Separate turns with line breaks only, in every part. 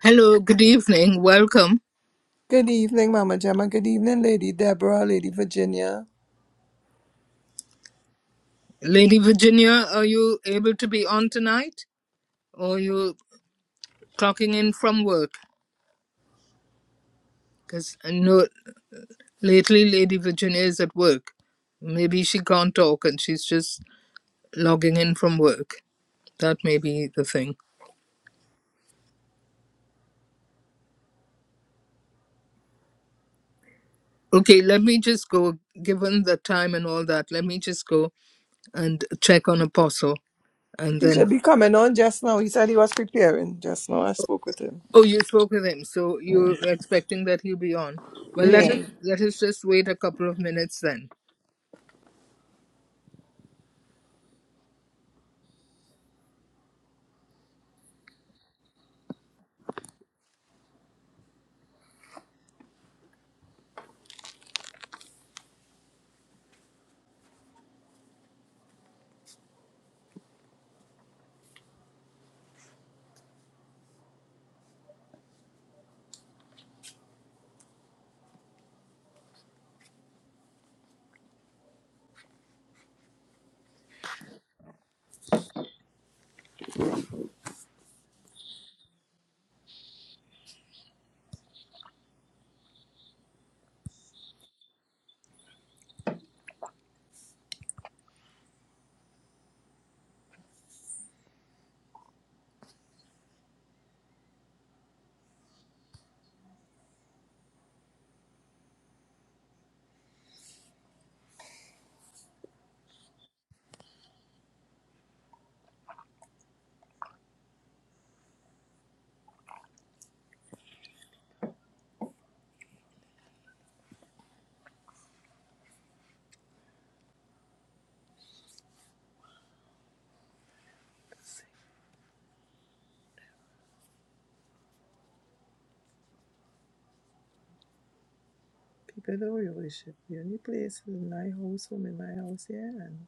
Hello, good evening, welcome.
Good evening, Mama Gemma. Good evening, Lady Deborah, Lady Virginia.
Lady Virginia, are you able to be on tonight? Or you clocking in from work? Because I know lately Lady Virginia is at work. Maybe she can't talk and she's just logging in from work. That may be the thing. Okay, let me just go, given the time and all that, let me just go and check on Apostle. And
He
then,
should be coming on just now. He said he was preparing just now. I spoke with him.
oh, you spoke with him, so you're
Yeah.
expecting that he'll be on. Well, let us,
Yeah.
let us just wait a couple of minutes then
People that we worship. The only place in my house, home in my house, yeah. And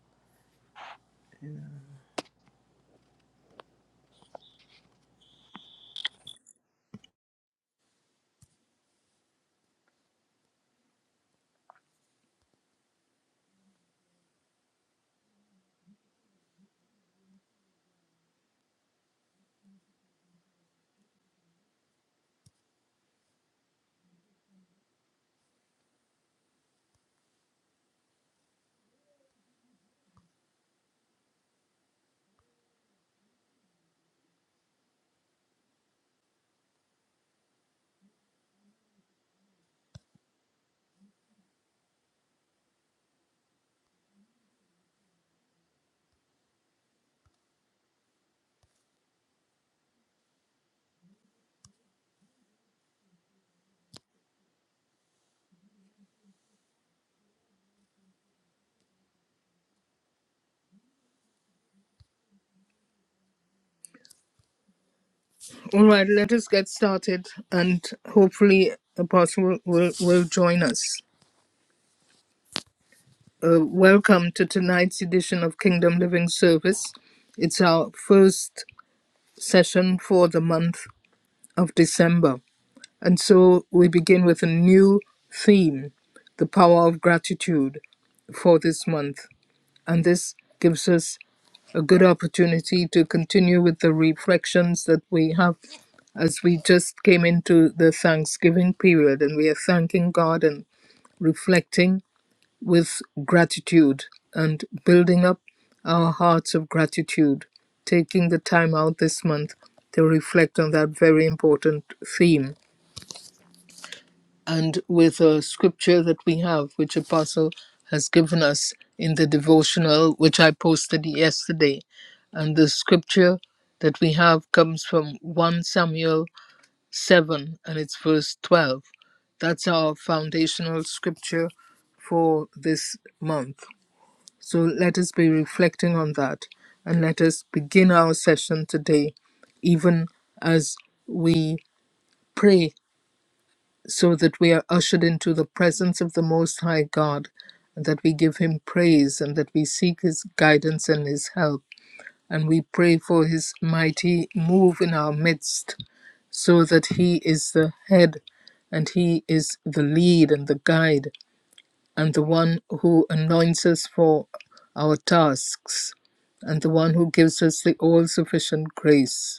All right, let us get started, and hopefully, Apostle will, will, will join us. Uh, welcome to tonight's edition of Kingdom Living Service. It's our first session for the month of December. And so we begin with a new theme the power of gratitude for this month. And this gives us a good opportunity to continue with the reflections that we have as we just came into the Thanksgiving period and we are thanking God and reflecting with gratitude and building up our hearts of gratitude, taking the time out this month to reflect on that very important theme and with a scripture that we have, which Apostle has given us in the devotional, which I posted yesterday. And the scripture that we have comes from 1 Samuel 7, and it's verse 12. That's our foundational scripture for this month. So let us be reflecting on that and let us begin our session today, even as we pray so that we are ushered into the presence of the Most High God, and that we give Him praise, and that we seek His guidance and His help. And we pray for His mighty move in our midst, so that He is the head, and He is the lead and the guide, and the one who anoints us for our tasks, and the one who gives us the all sufficient grace.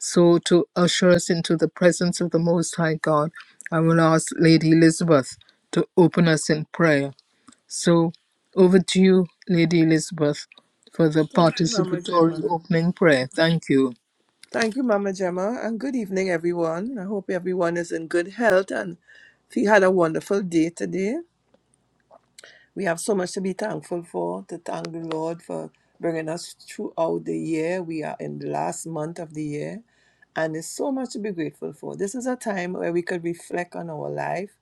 So, to usher us into the presence of the Most High God, I will ask Lady Elizabeth to open us in prayer. So, over to you, Lady Elizabeth, for the
thank you, Mama
participatory
Gemma.
opening prayer. Thank you.
Thank you, Mama Gemma, and good evening, everyone. I hope everyone is in good health and he had a wonderful day today. We have so much to be thankful for, to thank the Lord for bringing us throughout the year. We are in the last month of the year, and there's so much to be grateful for. This is a time where we could reflect on our life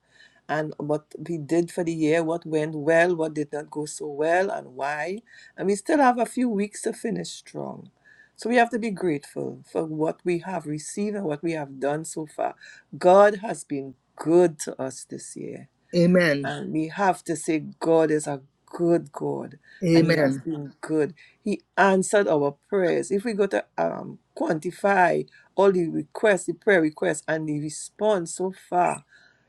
and what we did for the year, what went well, what did not go so well, and why. And we still have a few weeks to finish strong. So we have to be grateful for what we have received and what we have done so far. God has been good to us this year.
Amen.
And we have to say, God is a good God, and He has
Amen.
been good. He answered our prayers. If we go to um, quantify all the requests, the prayer requests, and the response so far,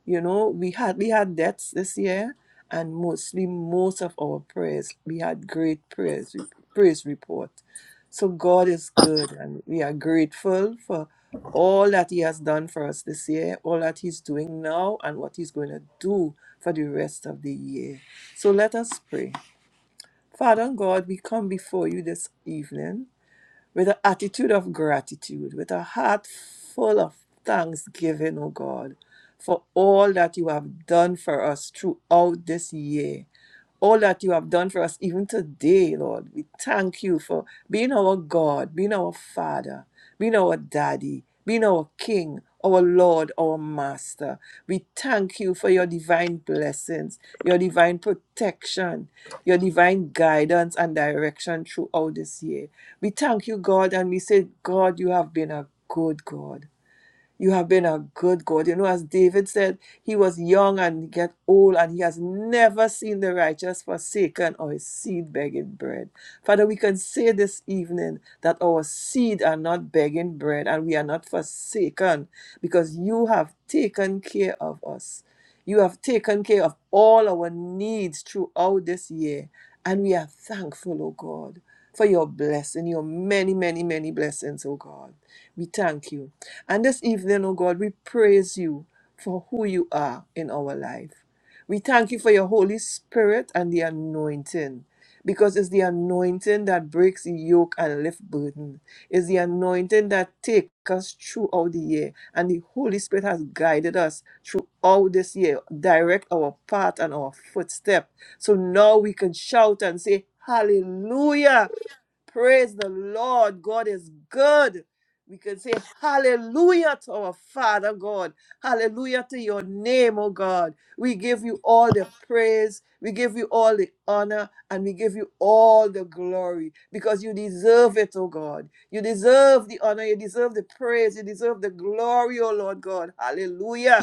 you know, we had we had deaths this year, and mostly most of our prayers, we had great prayers, praise report. So God is good, and we are grateful for all that He has done for us this year, all that He's doing now, and what He's going to do for the rest of the year. So let us pray. Father and God, we come before you this evening with an attitude of gratitude, with a heart full of thanksgiving, O God, for all that you have done for us throughout this year all that you have done for us even today, Lord. We thank you for being our God, being our Father, being our Daddy, being our King, our Lord, our Master. We thank you for your divine blessings, your divine protection, your divine guidance and direction throughout this year. We thank you, God, and we say, God, you have been a good God. You have been a good God. You know, as David said, he was young and get old, and he has never seen the righteous forsaken or his seed begging bread. Father, we can say this evening that our seed are not begging bread and we are not forsaken because you have taken care of us. You have taken care of all our needs throughout this year. And we are thankful, O God, for your blessing, your many, many, many blessings, O God. We thank you. And this evening, oh God, we praise you for who you are in our life. We thank you for your Holy Spirit and the anointing. Because it's the anointing that breaks the yoke and lift burden. It's the anointing that takes us throughout the year. And the Holy Spirit has guided us throughout this year, direct our path and our footstep. So now we can shout and say, Hallelujah! Praise the Lord. God is good. We can say hallelujah to our Father God. Hallelujah to your name, oh God. We give you all the praise. We give you all the honor and we give you all the glory because you deserve it, oh God. You deserve the honor. You deserve the praise. You deserve the glory, oh Lord God. Hallelujah.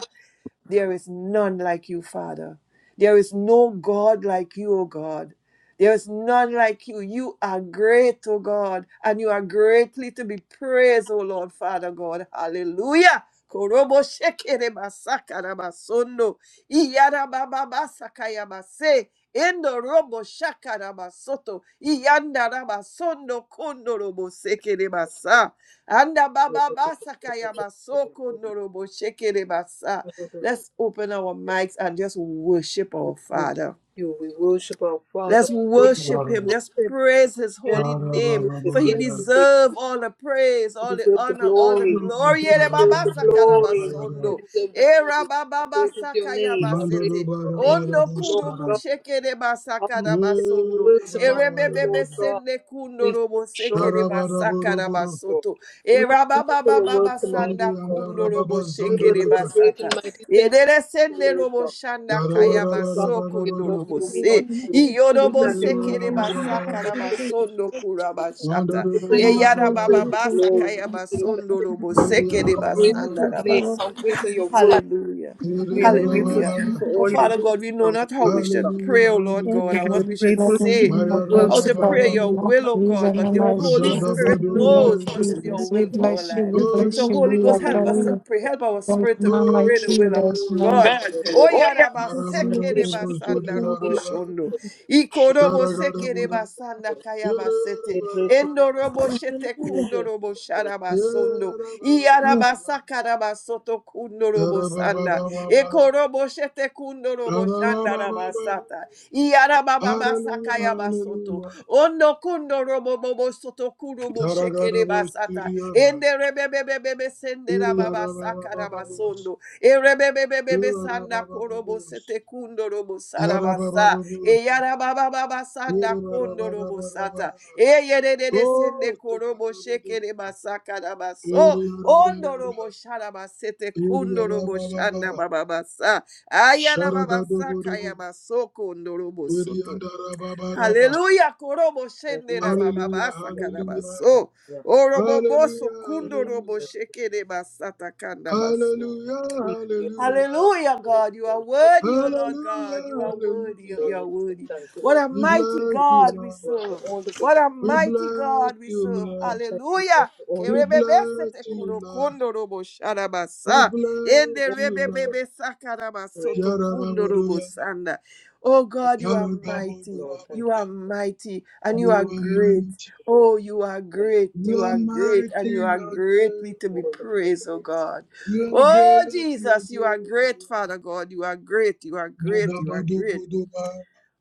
There is none like you, Father. There is no God like you, O God. There is none like you. You are great, O God, and you are greatly to be praised, O Lord, Father God. Hallelujah. Korobo shekere basaka rabasondo. Iyara baba basaka yabase. Endo robo shaka rabasoto. Iyanda rabasondo kondo robo sekere basa. Anda baba basaka yabaso kondo robo shekere basa.
We
Let's open our mics and just worship our
worship
Father.
you, we worship our Father.
Let's worship
Hallelujah,
him.
We
Let's
worship,
praise his
yes,
holy
we
name.
worship,
For he
yes,
hallelujah.
we
deserves all the praise,
You
all the
deserve the
honor, all the
glory.
glory.
You
Ere
deserve
baba
the
saka da
glory. You
basondo.
deserve the
Era
praise. How
baba
great is your
basaka ya
name? How great is
basete.
your name,
Ondo kuro
Lord God?
busheke de
How
basaka
mighty
da
are your
basondo.
works among us,
Ere
O
bebebe
Lord God?
sende
We
kundo
thank
robo
you,
seke
Lord
de basaka da
Lord.
basoto.
We
Era
thank you
baba
for your
baba
works among us,
basanda
Lord
kundo
God.
robo
You
sheke
are
de
doing great and
basata.
mighty things,
Ere sende
Lord
robo
God.
shanda
Oh,
kaya
Lord God,
baso
we
kundo
adore
robo
you, we
Yes,
se.
honor you. We
Iyorobo
magnify
sekere
your holy name.
basaka
We proclaim
rabasondo
your praise.
kurabashata.
We proclaim that
Eyara
you
baba
deserve the
basaka
glory, you deserve the
yabasondo robo
praise.
sekere
How great is
basanda
your name, how
rabaso.
great are your works.
Hallelujah.
We are grateful
Hallelujah.
to you for
Oh,
all your
Father God,
works
we know
among us,
not how we
Lord
should
God.
pray, oh Lord God, and
We
what we
are
should
grateful
Let me
for
be
say,
your
more
Mayara
how
works
to
among
worshipful
Baba
pray your
and
Baba,
more
will, oh
praise
God,
and
but the Holy
energy.
Ugada
Spirit
Thank
Bodo
you, Lord
knows
Bodo,
what is
us,
your
Jesus. We
will
Lord
for our
bless you,
life.
we
Holy
So,
bless you,
Holy
we
Ghost, help
adore
us
Spirit,
to
you.
pray.
God.
Help our
There's
spirit to
none
pray
like
Holy
the
you,
will of
there's none.
God.
Spirit,
Oh,
And
Oh, yeah.
yeah,
we are grateful. We are
Yarabarabubuzudigaraba,
grateful.
Ikorobo sekere
Yaragarabara,
basanda kaya
We
basete.
are grateful.
Endo robo
Yarabarabarabara,
shete
We are
kundo
grateful.
robo sharabasondo.
Yarabarabaraba,
Iarabasa karabasoto kundo robo sanda. Ekorobo shete kundo
Yarababababa,
robo shanda
Yarababababa.
rabasata. Iarababa
Hallelujah,
sakaya basoto.
hallelujah.
Ondo kundo robo bobo soto kurubo shekere basata.
Yaragarabustiriara,
Ende rebebebebe sende rababa
Yarabababababus,
sakarabasondo. Erebebebebe sanda korobo
Yarababababus,
sete kundo robo sarabasa.
Yarababababus,
Eyara baba baba sanda kondo robo
Yarababababus,
sata.
Yarabarabarabara.
Eye de de de sende korobo
Oh,
sheke de masaka da baso.
Hallelujah, hallelujah,
Ondo robo shara basete
hallelujah,
kundo robo
hallelujah,
shanda baba basa. ayana baba saka ya
hallelujah,
baso kondo robo soto. Hallelujah, korobo shende da
Hallelujah.
baba basa
Hallelujah.
kada baso.
Hallelujah.
Orobo boso kundo robo
Hallelujah.
sheke de basata kanda baso.
We give you all the
Hallelujah, God. You are
hallelujah,
worthy, O Lord
hallelujah,
God. You are worthy.
hallelujah.
You
glory.
are
We say
worthy.
thank you,
What
Lord.
a
We
mighty
bless
We thank
you,
God we
Lord.
you, Lord, for
serve.
all the good
What a
We
things.
mighty
bless
God we
you,
serve.
We
Lord.
thank you, Lord,
Hallelujah.
for all the
We
good
bless
Kerebebesete
things.
you, Lord.
kurokondo robo
We
sharabasa.
bless
Ende
All the
you,
good
Lord.
rebebebe
things.
sakarabasoto kundo
Yarababudu,
robo sanda. Oh God, you are
Yaragabudu,
Thank you,
mighty.
Lord. Thank
You
you.
are mighty and
Thank
you are
You are
great.
mighty.
you, Lord.
Oh, you are
Thank
great.
you,
You
You
are
are
Lord.
great
mighty,
and
Thank
you are
you are
greatly to
you,
be
great.
all the praise.
praised, oh God.
Thank you,
You are
Oh,
great, you are
Jesus, you are
great.
great, Father God. You are great. You are great. You are great.
Nadabadubuduba,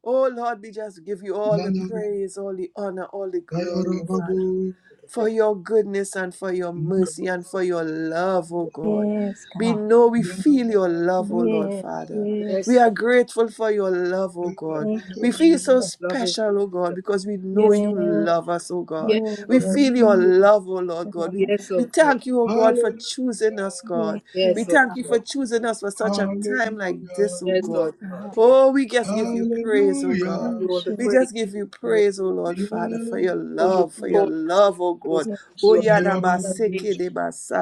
Oh Lord, we just give you all the
Nanaraba,
praise, all the honor, all the glory, oh
all the
Father,
Ayarababu,
good
for your goodness and for your mercy and for your love,
Nabadabadabadaba,
oh God. We
God.
know we feel your love, oh Lord
Yes,
Yanabadabadabadaba,
Father. We
yes,
Yes,
are
God.
grateful for your love, oh
Lord.
God.
Thank you,
We
Lord,
feel
Yabadabadabadaba.
so
Jesus.
Love is
special, oh God, because we know
yes,
you
Yes,
love us, oh God.
yes,
oh,
We
Lord
yes,
feel your
God.
love, oh Lord God. We,
Yes,
we
God.
Lord God.
thank you, oh God, for choosing
Hallelujah,
us, God.
Yes,
We
Yes,
Lord.
Lord
thank you for
God.
choosing us for such a time like this,
hallelujah,
oh
Yes,
Yes,
God.
Lord God.
God.
Yes.
Oh, we just give you praise, oh God.
hallelujah.
You are the
We
Precious
praise.
just give you
You are
praise, oh Lord
the
Yeah,
Father,
praise.
for
and
your
For
precious.
you
love, for your
yeah.
called us, you
love, oh
chose
God.
us,
Oh,
you have
Precious.
called us by
Ayarababu,
name.
yadamaseke de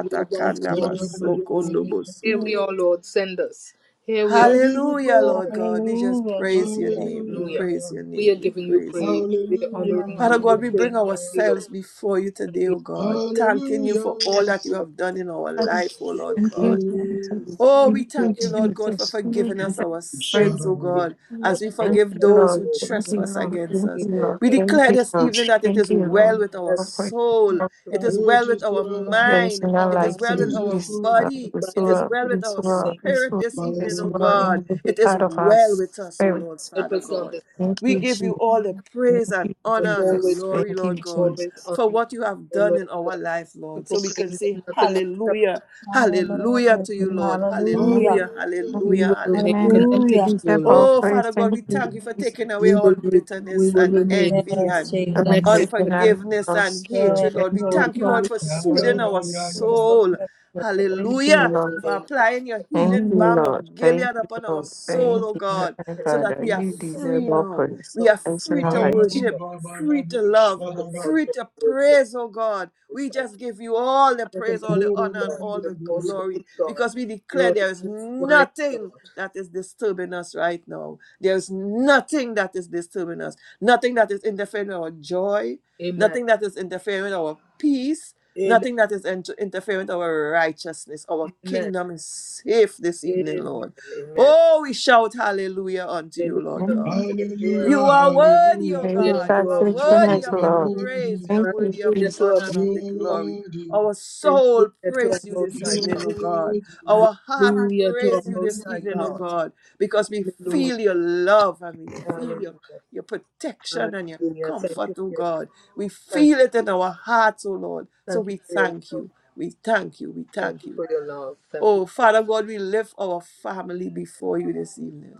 We have answered your
Yarababu,
call and
kandamasoko
we say, Here
nobosoto.
we
Precious.
are, Lord, send us. Here we
We
are, Lord.
give you
Hallelujah,
praise.
Lord God. We just
Hallelujah,
praise your
Jesus.
name. We
Hallelujah,
hallelujah.
praise your
We are
name. We
Yes,
giving you
praise your
Jesus,
praise.
name.
We
Yes,
are
I'm
honoring
not
hallelujah,
Father
you.
giving
We
God,
are
we
saying,
bring
up.
Thank
hallelujah,
you, Lord.
ourselves before you
Thank
today,
you,
O God, thanking you for
hallelujah.
all
thank
Fuck,
that you
you, Lord.
have done
Thank
in our life, O
you, Lord.
Lord
Thank
Thank you, Lord. Thank
you,
God.
yes,
Mm.
Jesus.
God.
Oh, we
Thank
you, Lord.
you,
Thank you,
thank you, Lord
Lord.
God, for
Jesus. Thank you,
forgiving us
Jesus.
our
Praise
sins, oh
Shadow,
God, as
Yes,
we
the
forgive
Help
those who
Lord. Thank you,
trespass
Lord.
against
me, Lord. Help
Thank
me,
you,
us.
Lord.
Lord.
Help
We
me, Lord.
Thank
declare
you,
this
Lord.
evening that it
Thank
is
you,
well
Lord.
with our
Help
Thank you,
me.
Lord.
soul,
yes,
it
God.
is well
it
with
is
our
true,
There is
mind,
none
it
Lord.
is
Help
like
me.
well
it
with
you.
our
is
It's
true.
uh,
body,
it's
it
Remind us
is
real,
well
to
with
it's
our
understand
real,
things.
it's
spirit
real,
this evening,
it's
oh
real in
God.
Ba-da-ba-ba-ba.
every
It
things.
is
part of our
well with us, oh Lord,
spirit.
Help
Father
us to
God.
understand.
Thank
We
you,
Help
give you
Jesus.
all the praise
Thank
and
you,
us to
honor and
always
Jesus.
pray, to
glory,
Thank you,
Lord God
always
Jesus.
honor
for
you,
what you have
O
done
Lord
in our
God,
life,
to
Lord. So we
proclaim
can say,
that nothing will separate
Hallelujah, Hallelujah
Hallelujah.
to you,
us.
Amen.
Lord.
Amen.
Hallelujah.
Hallelujah,
Hallelujah.
We
Amen.
Hallelujah,
will
Hallelujah.
remain
Hallelujah.
Amen. You
connected
Hallelujah.
to you, O
deserve
Lord.
all
Oh,
praise.
Father God,
Thank
we
you,
thank you for
Jesus.
taking away
We
all
will, re- we
bitterness
will
and
remain
envy and
Yes,
I'm
connected,
Jesus.
grateful and
connected,
I'm
unforgiveness and
lost.
Yes,
hatred,
Thank
Lord. We
Lord
you.
thank you,
God.
Lord,
strongly
for
ya
connected,
ya
soothing
ya
our
ya ya.
soul.
Thank
Thank you,
you.
Hallelujah.
and
Lord.
For
remain connected,
applying your
O
Thank
healing
you,
Hallelujah.
Lord,
balm
Lord.
of
Thank you, Lord. Thank
Gilead
you,
upon our
Lord.
soul,
Thank
oh
you,
God,
Heavenly
connected,
so that
Father.
O
we are
You
Lord,
deserve
free
all
now.
praise.
strongly, O
We are
There's
free
none
to
Maya,
like
Abu
you.
worship,
Lord,
Baba
free
Rabu
to
to
love,
the
Sharaga.
God
free
that
to
works in
praise, oh God.
us.
We just give you all the
You're the
praise, all
yo
most
the honor,
baba,
and
God.
all
You're
the
the most
ba
glory
holy God.
because we declare
You're the
there is
most wise
nothing
God.
that is disturbing us right now. There's nothing that is disturbing us, nothing that is interfering with our joy,
Amen.
nothing that is interfering with our peace,
Amen.
nothing that is inter- interfering with our righteousness. Our
Amen.
kingdom is safe this evening,
Amen.
Lord.
Amen.
Oh, we shout hallelujah unto you, Lord
Hallelujah.
Maybe
God.
Hallelujah.
Hallelujah,
You are worthy, O
hallelujah.
Hallelujah
God.
unto
You
God's
our
are
most
worthy
You
faithfulness,
of
are
the
Lord.
praise.
worthy,
You
Thank
are
high.
you,
worthy of the
Hallelujah to
Jesus.
our
honor and
you
of the
are
most high
glory.
worthy,
Our soul praise you this
you are
evening, O
God.
God.
worthy.
Our heart
Hallelujah to our most high God. Hallelujah to our
praise you this
most high
evening, oh
God.
God, because we
Hallelujah.
feel your love and we feel
Hallelujah.
your, your protection and your
Hallelujah. Thank
comfort,
you for
oh
your
God.
love.
We
Thank
feel it in our hearts, oh Lord. So
you
we
for your
thank
love.
you. We thank you. We
Thank
thank
you
you.
for your love. Thank you for your love. Thank you
Oh, Father God, we lift our family before you this evening.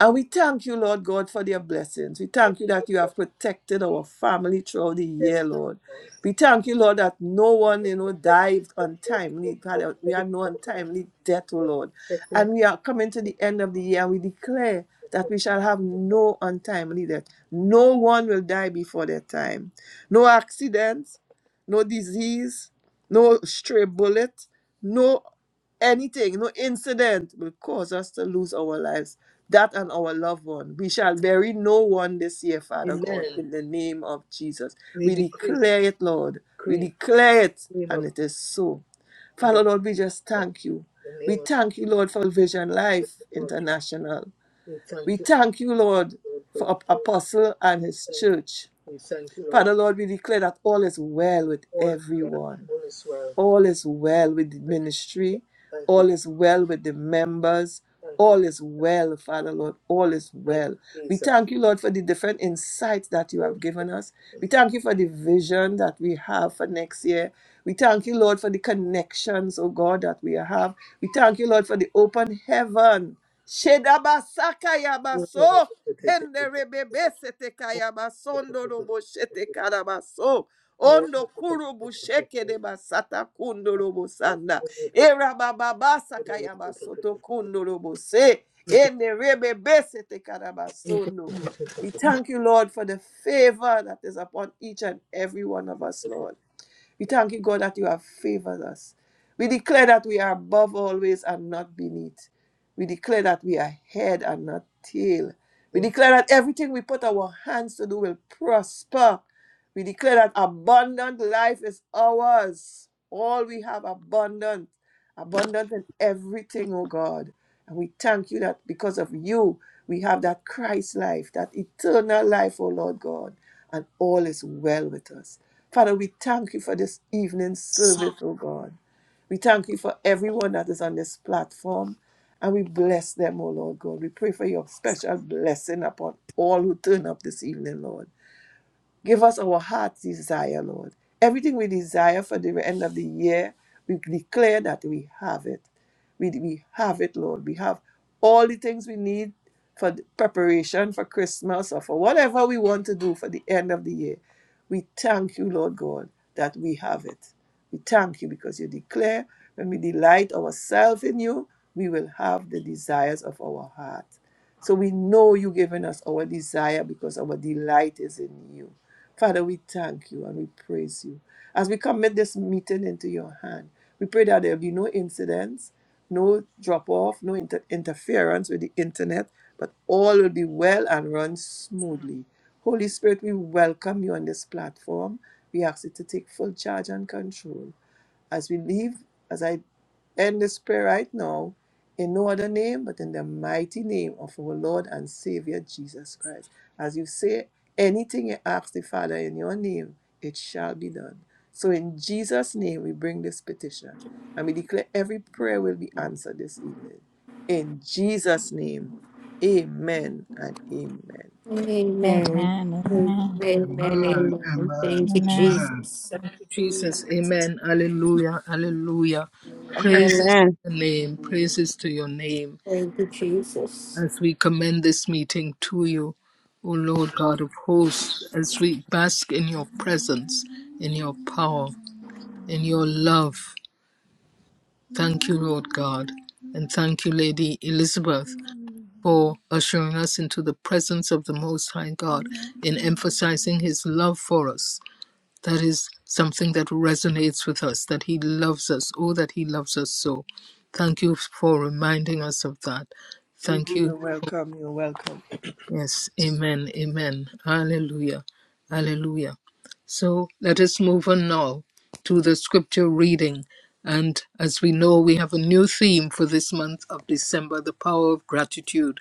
And we thank you, Lord God, for their blessings. We thank you that you
for your
have
love.
protected our family throughout the year,
Yes,
Lord.
Lord.
We thank you, Lord, that no one, you know,
Thank you
died
for your love.
untimely. Had
For
We
committing
had no untimely death, oh Lord.
to
And we are coming to the end of the year. We declare that we shall have no untimely death. No one will die before their time. No accidents, no disease, no stray bullet, No anything, no incident will cause us to lose our lives, that and our loved one. We shall bury no one this year, Father God,
Amen.
in the name of Jesus.
We
We
decree,
declare it, Lord. We
decree,
declare it,
in the name
and
of
it is so.
the
Father, Lord, we just
Son,
thank you.
in the
We
name of
thank you, Lord, for Vision Life
the Lord.
International.
We
We
thank you,
thank you, Lord,
Lord, for
for
it.
Ap- Apostle and his
Lord, Thank
church.
you. We thank you, Lord.
Father, Lord, we declare that all is well with
All is well.
everyone.
All is well.
All is well with the
Thank you, Jesus.
ministry.
Thank you.
All is well with the members.
Thank you.
All is well, Father Lord. All is
Thank
well.
you,
We
Jesus.
thank you, Lord, for the different insights that you
Oh,
have given us. We thank you for the vision that we have for next year. We thank you, Lord, for the connections, oh God, that we have. We thank you, Lord, for the open heaven. Shedabasaka
Lord, Lord, Lord,
yabaso.
Lord, Lord, Jesus.
Henderebebe seteka
Oh, Lord, Lord, Lord,
yabasondo robo
Lord, Jesus.
shetekarabaso.
Oh, Lord, Lord,
Ondo
Lord, Lord,
kurubu
Jesus.
sheke de basata kundo robo
Oh,
sanda.
Lord, Lord, Lord, Lord, Jesus.
Era baba basa
Oh,
kaya
Lord,
basoto kundo robo se. Ende rebe besete
Lord,
karabasondo.
Lord, Lord,
We thank you, Lord, for the favor that is upon each and every one of us, Lord. We
Lord,
thank you, God, that you have favored us. We declare that we are above always and not beneath. We declare that we are head and not tail. We
Jesus.
declare that everything we put our hands to do will prosper. We declare that abundant life is ours. All we have abundant, abundant in everything, oh God. And we thank you that because of you, we have that Christ life, that eternal life, oh Lord God and all is well with us. Father, we thank you for this evening's service, oh God. We thank you for everyone that is on this platform, and we bless them, oh Lord God. We pray for your special blessing upon all who turn up this evening, Lord. Give us our heart's desire, Lord. Everything we desire for the end of the year, we declare that we have it. We, we have it, Lord. We have all the things we need for the preparation for Christmas or for whatever we want to do for the end of the year. We thank you, Lord God, that we have it. We thank you because you declare when we delight ourselves in you, we will have the desires of our heart. So we know you're giving us our desire because our delight is in you. Father, we thank you and we praise you. As we commit this meeting into your hand, we pray that there be no incidents, no drop off, no inter- interference with the internet, but all will be well and run smoothly. Holy Spirit, we welcome you on this platform. We ask you to take full charge and control as we leave, as I end this prayer right now, in no other name but in the mighty name of our Lord and Savior Jesus Christ. As you say, anything you ask the Father in your name, it shall be done. So in Jesus' name, we bring this petition and we declare every prayer will be answered this evening. In Jesus' name, amen and amen.
Amen.
Amen. Amen.
Amen.
Amen.
Amen.
Amen.
Thank you,
Amen.
Amen.
Jesus.
Thank you, Jesus. Amen. Hallelujah. Hallelujah. Praises
Amen.
to your name. Praises to your name.
Thank you, Jesus.
As we commend this meeting to you, O Lord God of hosts, as we bask in your presence, in your power, in your love. Thank you, Lord God. And thank you, Lady Elizabeth, for ushering us into the presence of the Most High God in emphasizing his love for us That is something that resonates with us, that He loves us. Oh, that He loves us so. Thank you for reminding us of that.
We-
Thank you
You're welcome. You're welcome.
Yes, amen, amen. Hallelujah, hallelujah. So let us move on now to the scripture reading. And as we know, we have a new theme for this month of December the power of gratitude.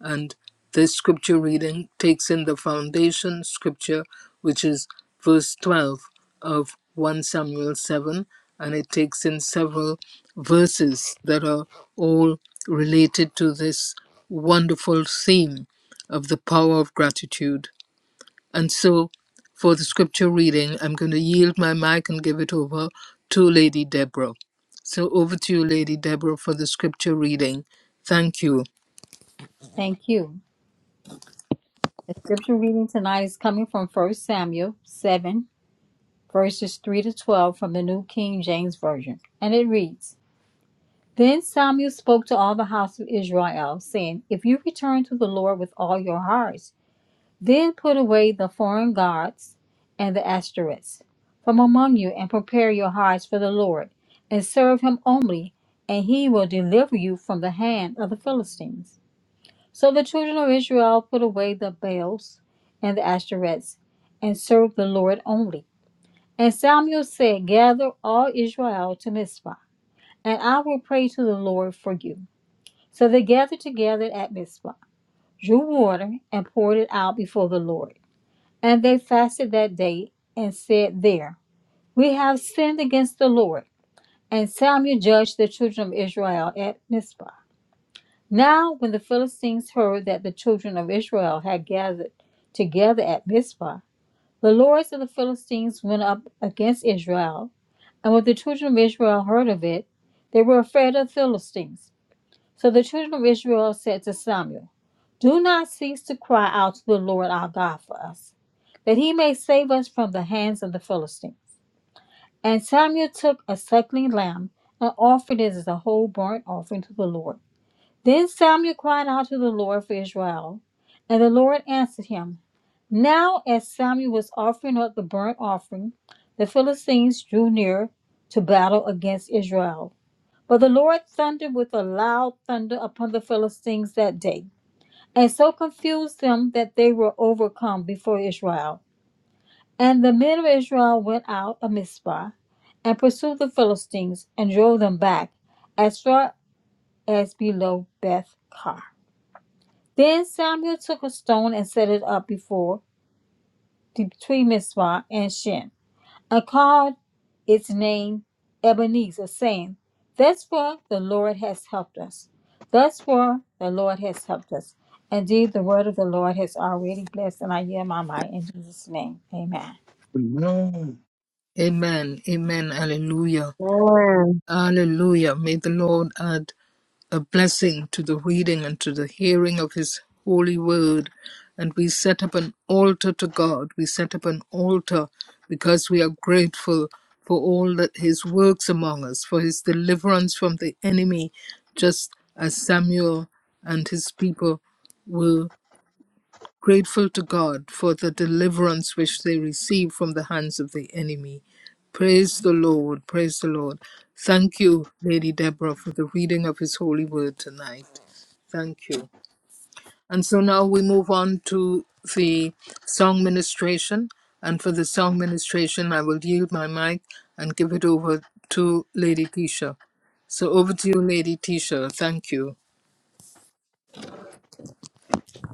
And this scripture reading takes in the foundation scripture, which is verse 12 of 1 Samuel 7. And it takes in several verses that are all related to this wonderful theme of the power of gratitude. And so, for the scripture reading, I'm going to yield my mic and give it over to Lady Deborah. So, over to you, Lady Deborah, for the scripture reading. Thank you.
Thank you. The scripture reading tonight is coming from First Samuel 7, verses 3 to 12 from the New King James Version. And it reads Then Samuel spoke to all the house of Israel, saying, If you return to the Lord with all your hearts, then put away the foreign gods and the Ashtoreths from among you, and prepare your hearts for the Lord, and serve him only, and he will deliver you from the hand of the Philistines. So the children of Israel put away the Baals and the Ashtoreths and served the Lord only. And Samuel said, Gather all Israel to Mizpah, and I will pray to the Lord for you. So they gathered together at Mizpah, drew water, and poured it out before the Lord. And they fasted that day and said, There, we have sinned against the Lord. And Samuel judged the children of Israel at Mizpah. Now, when the Philistines heard that the children of Israel had gathered together at Mizpah, the lords of the Philistines went up against Israel. And when the children of Israel heard of it, they were afraid of the Philistines. So the children of Israel said to Samuel, Do not cease to cry out to the Lord our God for us, that he may save us from the hands of the Philistines. And Samuel took a suckling lamb and offered it as a whole burnt offering to the Lord. Then Samuel cried out to the Lord for Israel, and the Lord answered him. Now, as Samuel was offering up the burnt offering, the Philistines drew near to battle against Israel. But the Lord thundered with a loud thunder upon the Philistines that day, and so confused them that they were overcome before Israel. And the men of Israel went out of Mizpah and pursued the Philistines and drove them back as far as below Beth Kar. Then Samuel took a stone and set it up before between Mizpah and Shin, and called its name Ebenezer, saying, "That's where the Lord has helped us. That's where the Lord has helped us." Indeed, the word of the Lord has already blessed, and I yield my mind in Jesus' name. Amen.
Amen.
Amen. Amen. Alleluia.
Amen.
Alleluia. May the Lord add a blessing to the reading and to the hearing of His holy word. And we set up an altar to God. We set up an altar because we are grateful for all that His works among us, for His deliverance from the enemy, just as Samuel and his people were grateful to God for the deliverance which they received from the hands of the enemy. Praise the Lord, praise the Lord. Thank you, Lady Deborah, for the reading of His holy word tonight. Thank you. And so now we move on to the song ministration. And for the song ministration, I will yield my mic and give it over to Lady Tisha. So over to you, Lady Tisha. Thank you.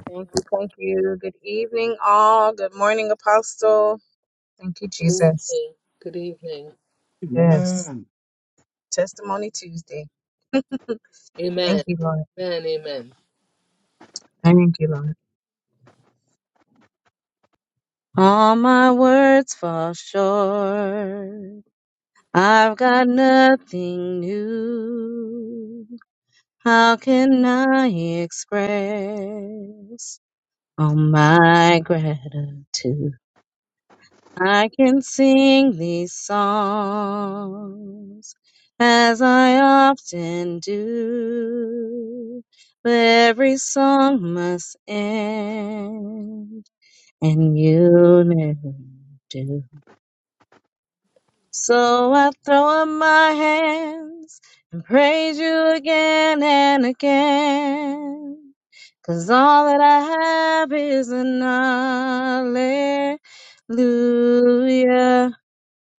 Thank you. Thank you. Good evening, all. Good morning, Apostle. Thank you,
Good
Jesus.
evening. Good evening.
Yes.
Amen.
Testimony Tuesday. Thank
Amen.
you, Lord.
Amen. Amen.
Thank you, Lord. All my words fall short. I've got nothing new. How can I express all my gratitude? I can sing these songs as I often do, but every song must end, and you never do. So I throw up my hands and praise you again and again, 'cause all that I have is an hallelujah.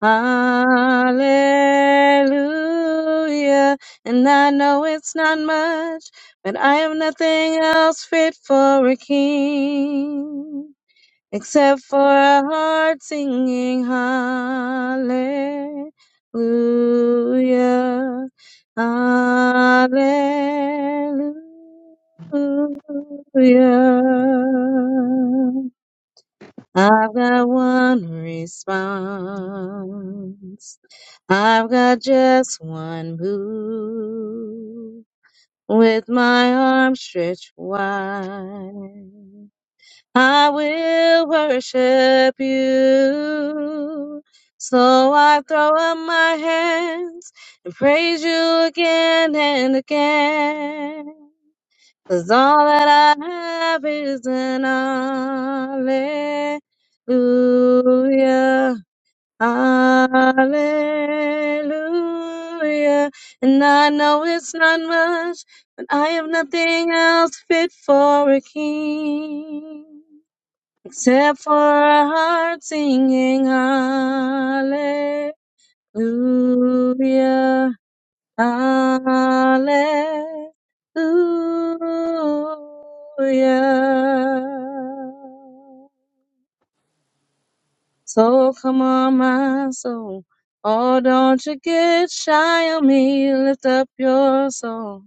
Hallelujah. And I know it's not much, but I am nothing else fit for a king except for a heart singing hallelujah. Hallelujah. I've got one response. I've got just one move with my arms stretched wide. I will worship you. So I throw up my hands and praise you again and again, 'cause all that I have is an hallelujah. Hallelujah. And I know it's not much, but I have nothing else fit for a king except for a heart singing hallelujah. Hallelujah. So come on, my soul. Oh, don't you get shy on me. Lift up your soul.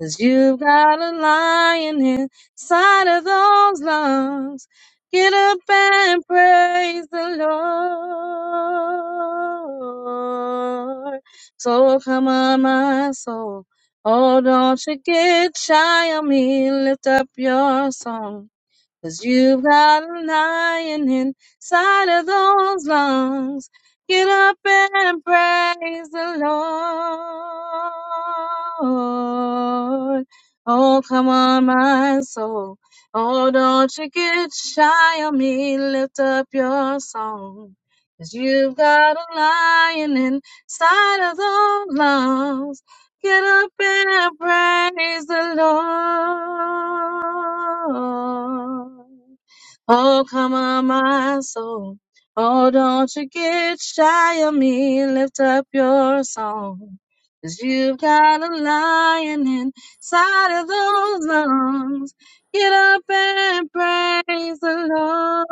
Cause you've got a lion inside of those lungs. Get up and praise the Lord. So come on, my soul. Oh, don't you get shy on me. Lift up your song. Cause you've got a lion inside of those lungs. Get up and praise the Lord. Oh, come on, my soul. Oh, don't you get shy on me. Lift up your song. you you've got a lion inside of those lungs. Get up and praise the Lord. Oh, come on, my soul. Oh, don't you get shy of me. Lift up your song. Cause you've got a lion inside of those lungs. Get up and praise the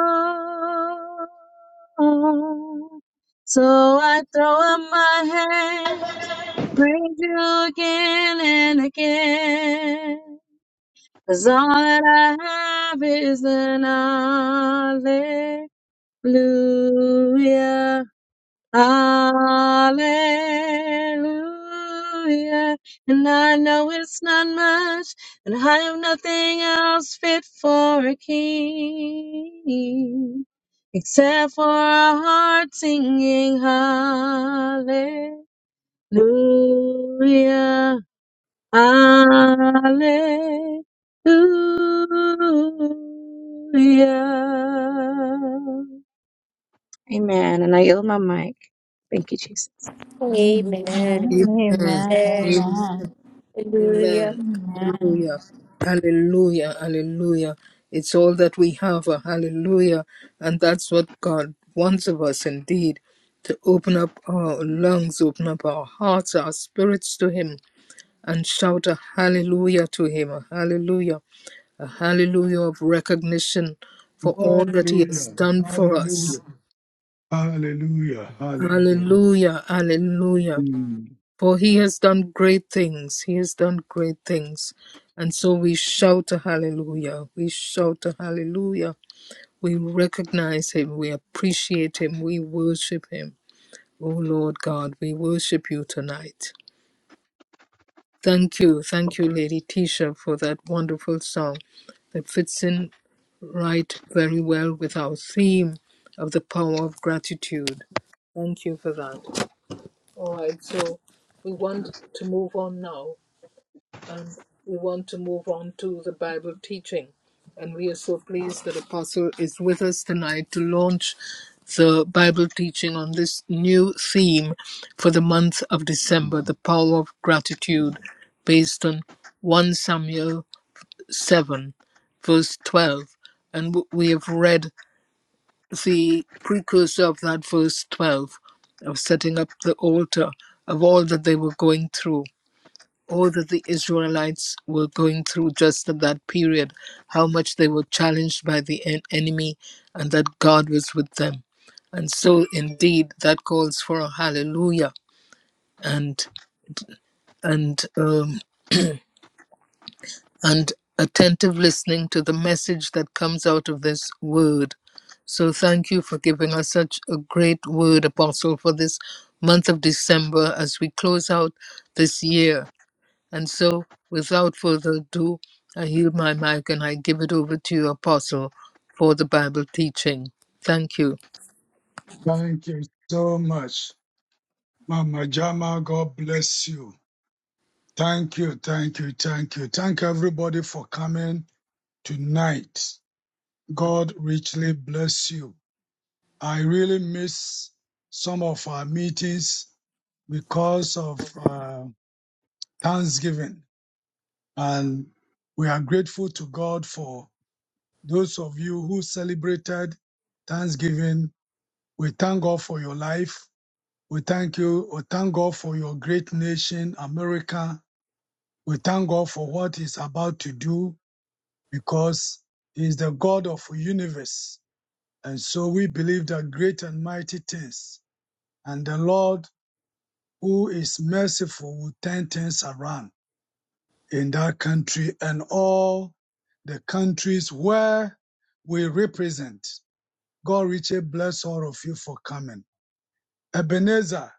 Lord. So I throw up my hands Praise you again and again. 'Cause all that I have is an hallelujah. Hallelujah. And I know it's not much, and I have nothing else fit for a king. Except for a heart singing hallelujah. Hallelujah. Amen. And I yield my mic. Thank you, Jesus.
Amen. Amen.
Amen.
Amen.
Amen.
Amen.
Amen.
Hallelujah.
Amen.
Amen.
Hallelujah. Hallelujah. Hallelujah. It's all that we have, a hallelujah. And that's what God wants of us indeed to open up our lungs, open up our hearts, our spirits to Him, and shout a hallelujah to Him, a hallelujah, a hallelujah of recognition for all that He has
Hallelujah.
done for us.
Hallelujah. Hallelujah. Hallelujah.
Hallelujah. Hallelujah.
Mm.
For he has done great things. He has done great things. And so we shout a hallelujah. We shout a hallelujah. We recognize him. We appreciate him. We worship him. Oh Lord God, we worship you tonight. Thank you. Thank you, Lady Tisha, for that wonderful song that fits in right very well with our theme of the power of gratitude. Thank you for that. All right, so we want to move on now Um, we want to move on to the Bible teaching. And we are so pleased that Apostle is with us tonight to launch the Bible teaching on this new theme for the month of December the power of gratitude, based on 1 Samuel 7, verse 12. And we have read the precursor of that verse 12 of setting up the altar of all that they were going through all that the Israelites were going through just at that period, how much they were challenged by the en- enemy, and that God was with them. And so, indeed, that calls for a hallelujah and and um, and attentive listening to the message that comes out of this word. So, thank you for giving us such a great word, Apostle, for this month of December as we close out this year And so, without further ado, I yield my mic and I give it over to you, Apostle, for the Bible teaching. Thank you.
Thank you so much, Mama Jama. God bless you. Thank you. Thank you. Thank you. Thank everybody for coming tonight. God richly bless you. I really miss some of our meetings because of uh, Thanksgiving. And we are grateful to God for those of you who celebrated Thanksgiving. We thank God for your life. We thank you. We thank God for your great nation, America. We thank God for what He's about to do because He is the God of the universe. And so we believe that great and mighty things. And the Lord, who is merciful, will turn things around. in that country and all the countries where we represent. God richly bless all of you for coming. Ebenezer,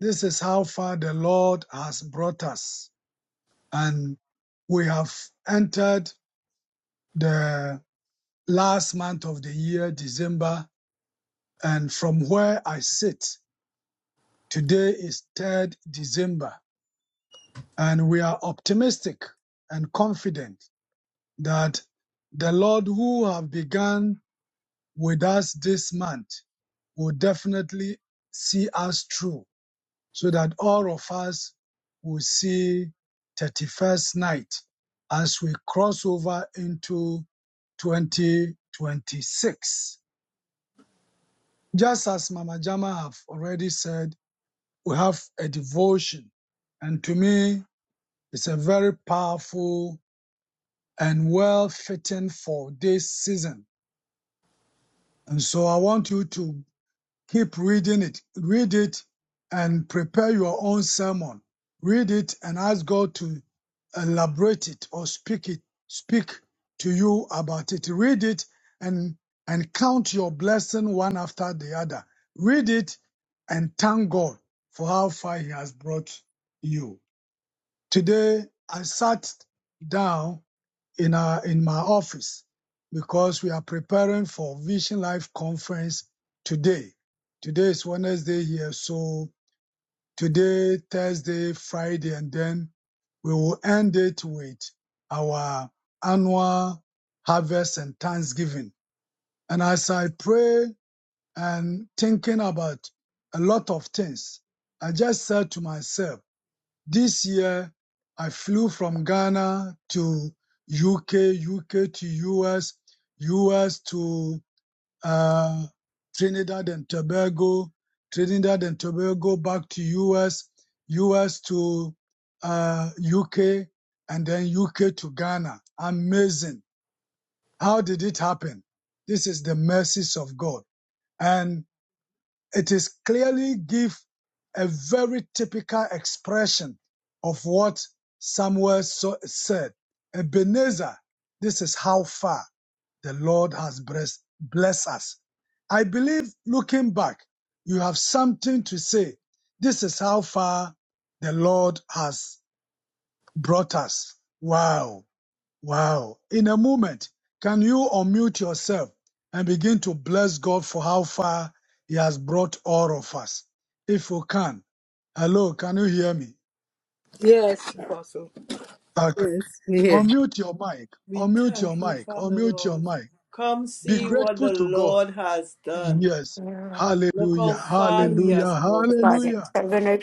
this is how far the Lord has brought us. And we have entered the last month of the year, December. And from where I sit, today is 3rd December. And we are optimistic and confident that the Lord who have begun with us this month will definitely see us through so that all of us will see 31st night as we cross over into 2026. Just as Mama Jama have already said, we have a devotion. And to me, it's a very powerful and well fitting for this season. And so I want you to Keep reading it. Read it and prepare your own sermon. Read it and ask God to elaborate it or speak it, speak to you about it. Read it and and count your blessing one after the other. Read it and thank God for how far He has brought you. Today I sat down in our in my office because we are preparing for Vision Life conference today. Today is Wednesday here, so today, Thursday, Friday, and then we will end it with our annual harvest and Thanksgiving. And as I pray and thinking about a lot of things, I just said to myself this year, I flew from Ghana to UK, UK to US, US to uh, Trinidad and Tobago, Trinidad and Tobago back to US, US to uh, UK, and then UK to Ghana. Amazing. How did it happen? This is the mercies of God. and. It is clearly give a very typical expression of what Samuel so, said. Ebenezer, this is how far the Lord has blessed, blessed us. I believe looking back, you have something to say. This is how far the Lord has brought us. Wow. Wow. In a moment, can you unmute yourself and begin to bless God for how far He has brought all of us? If you can. Hello, can you hear me?
Yes, Apostle.
Okay.
Yes, yes.
Unmute your mic.
We
Unmute your
thank you,
mic.
Father
Unmute your
Lord.
mic.
Come
Be
see
Thank
what
grateful
the
to God.
Lord has
you,
done.
Yes.
Lord.
Look
Hallelujah.
how far
Thank
he
you,
Hallelujah.
has brought us.
Father.
Hallelujah.
I'm going to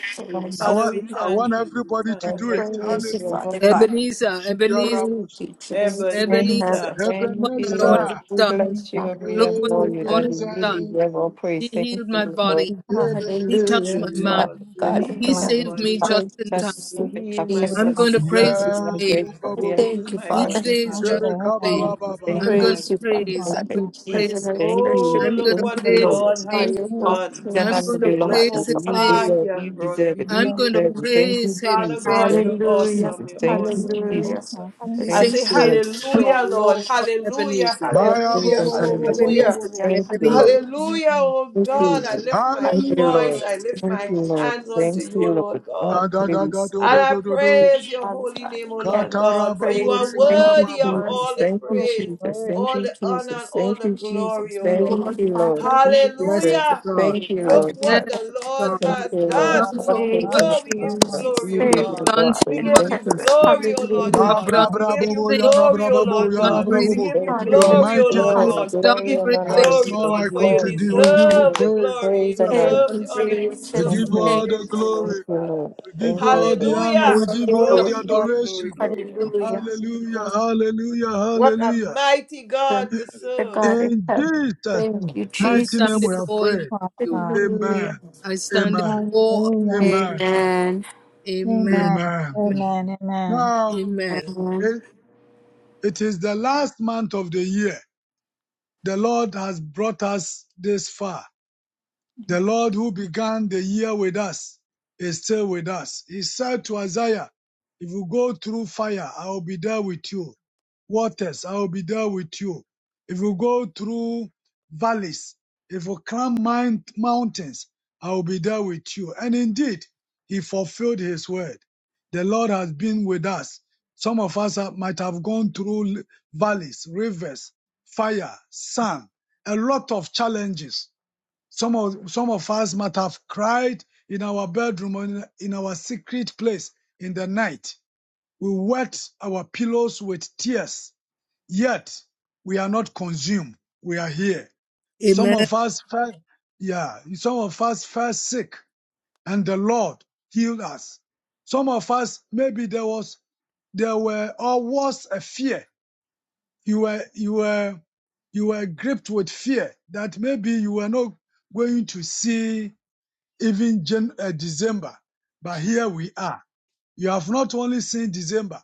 I
Father,
praise
want
we
you.
I want
thank you. We
everybody
thank
to do
you.
it.
Praise you,
Hallelujah.
Father God.
Ebenezer,
Your
Ebenezer,
Thank
rabbis.
you, Jesus in
Praise you,
Ebenezer,
heaven.
Ebenezer,
look what
Thank you,
the Lord
praise
Lord.
Ebenezer.
has
We
done.
you,
bless you and we
Look what the
adore you,
Hallelujah.
Lord has
Daddy. You
done.
Ebenezer.
deserve all
He
praise. Thank you,
healed my
praise
Lord.
body.
you.
He touched
yes,
my
Hallelujah,
mind.
Yerenezai.
Lord,
Father
Lord, you
That
we
God in
heal
don't
He
our
you
heaven.
saved
mind.
me
bodies.
have
just
Thank
in
you,
time.
sent us
You
sweet
heal
and
my
I'm
whereby
body,
to
going to
the
Jesus.
Father.
We
precious
praise his
Maya
are
Jesus
name.
bo bo bo
You
grateful.
heal
Thank you,
my
praise
Each
Father.
body,
is
day is
Father
not
just
bo
Thank
Lord.
fair and
the
you,
same.
You
bo
everything
Jesus.
can
thank
I'm
heal
you,
going
my
to
Jesus.
Praise you,
body.
Father
justify
praise. I'm
the
God
thank
in
going to
you,
fact
Jesus.
heaven.
praise
And
him.
Thank
There
Oh,
you,
should
I'm
be
going
a
look
thank
to
what the
you,
that
praise
Lord.
full of
his
Lord
this
has
name.
fire for
is
All
done.
the
things
him,
and
God.
I'm
honor
going to
sweet
Look
belongs
Father,
praise
to
how
you.
his
You
Father.
name.
far he
deserve,
has
you
brought
deserve
me
it, you
I'm
from.
going to
deserve
Hallelujah.
it. Thank
praise
you,
him.
Father
Jesus.
God,
Praise.
Thank
you're
you,
Hallelujah,
awesome.
Jesus.
You're
Thank
Thank you,
you,
awesome. You're
Jesus.
Jesus.
hallelujah,
awesome.
I
We
thank
I
you.
sing
say
Thank
praise to
you,
our
Lord.
hallelujah, Lord.
Lord for
Hallelujah.
Ebenezer.
All
Baba,
things
Hallelujah.
and honor belongs to you.
Hallelujah.
bo
Ebenezer,
hallelujah,
bo.
Thank you,
Ebenezer.
Lord.
hallelujah.
Hallelujah,
Hallelujah.
oh
Thank you,
God. I
Lord.
Indeed,
lift my
Thank you,
Hallelujah,
Hallelujah,
voice.
Lord.
I
Gabo
lift
Thank
Zuda
my
you, Lord.
Brabo
hands
Jesus,
unto
Thank
Yakabo.
you, O
you, Lord.
Lord
Oh,
Da
God.
da da da
please.
do
And
do
I
do do do.
praise your
Father
holy
God
name, O
in
Lord
heaven.
Katara
God, for you
babo
are
Praise you,
Thank
Lord.
yara
Yes,
you,
worthy
I
of
babo.
thank
Worship
all
Jesus.
you
the
you,
Thank you,
for the
praise,
Jesus.
word.
Thank
all
you,
the honor, and
Jesus.
all
Thank
the
you, Jesus.
glory, O Lord.
Thank
Hallelujah,
Lord,
you, Lord.
Father,
You
Yes,
says,
oh
Hallelujah.
God.
Father
Thank you,
God
Look
in
Lord.
Yes,
Jesus.
what
heaven.
the
oh
Lord
God,
God.
my
Thank
You
has
you,
have
Lord.
God,
done
done.
All
my
so
Thank
things are
God,
much.
you,
my
not
Oh, we give
God,
you
my
God.
God.
Jesus.
glory,
You
You
O
did
Thank
have
your
you,
God.
done
God
Thank
so
for
Father
We
in
you.
give
much.
Thank
you
you,
heaven.
you,
glory,
Jesus.
O Lord
Thank
You
Hallelujah.
you,
Da
have
God.
done
bra
We
bra
Jesus.
give
bo
Jesus.
great
you
bo
things.
yara
glory,
bra
O
bo
You have
Thank
bo
Lord
done
you,
yara
God.
bra
great
bo
Jesus.
We
Hallelujah.
things.
bo.
give you
Thank you,
You are
Lord.
glory,
Hallelujah.
O
mighty
Lord
God.
You
Glory,
God.
have
We
done
glory,
Yes,
give
I
and
you
great
thank
There
honor
things.
is
is
glory,
none
yours.
Lord,
like
You
for you
have
unto
done
Glory,
thee. We
glory,
great
give
things.
you
deserve
glory.
the
praise.
glory, you
Praise
You
and
have
honor.
deserve
Thank you,
the
done great
honor,
things,
you
We
O
deserve
Jesus.
give
Thank
you
you,
Lord.
the
Lord.
all
Thank
the
praise, O Lord
Thank
glory.
you,
Father.
Lord.
We give
Thank
you
you,
all the
Lord.
honor.
Hallelujah.
We
You're an
give you
you,
all
awesome
Lord.
the
Glory,
God.
glory,
You're
adoration.
glory,
an
glory.
awesome God.
Hallelujah.
You're an
Hallelujah,
awesome
hallelujah,
God.
What a
hallelujah.
mighty
The,
God we
the
serve.
God in
In
heaven.
Jesus'
Thank you,
I
mighty name
stand
we
in
Jesus.
have
awe
you,
prayed.
of you.
Father.
Amen,
Hallelujah.
I stand in
amen,
awe of
Hallelujah.
you,
amen,
God.
Amen.
Amen.
Amen.
amen.
Amen.
Amen. Amen.
Now,
Amen.
Amen.
it, it is the last month of the year. The Lord has brought us this far.
Thank
The
you,
Lord
Jesus.
who began the year with us is still with us. He said to Isaiah, If you go through fire, I will be there with you. Waters, I will be there with you. If you go through valleys, if you climb mount- mountains, I will be there with you. And indeed, he fulfilled his word. The Lord has been with us. Some of us have- might have gone through l- valleys, rivers, fire, sun, a lot of challenges some of, some of us might have cried in our bedroom or in, in our secret place in the night. We wet our pillows with tears, yet we are not consumed. We are here. Some
Amen.
of us fell, yeah, some of us fell sick and the Lord healed us. Some of us, maybe there was, there were or was a fear. You were, you were, you were gripped with fear that maybe you were not going to see even Jan- uh, December. But here we are. You have not only seen December,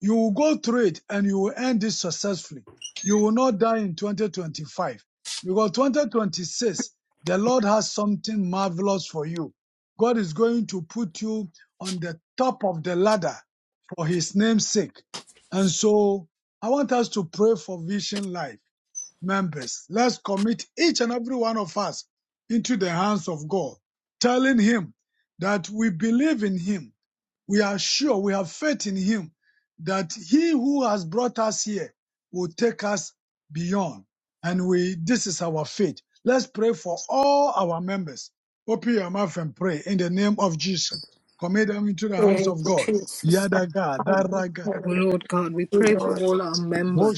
you will go through it and you will end this successfully. You will not die in 2025 because 2026, the Lord has something marvelous for you. God is going to put you on the top of the ladder for his name's sake. And so I want us to pray for Vision Life members, let's commit each and every one of us into the hands of God, telling Him that we believe in Him, we are sure, we have faith in Him, that He who has brought us here will take us beyond. And we, this is our faith. Let's pray for all our members. Open your mouth and pray in the name of Jesus. Commit them into the hands
Thank
of
you,
God.
Jesus. God,
Yadaga,
Father,
daragada,
O
Lord,
Lord God, we pray for
Lord.
all our members.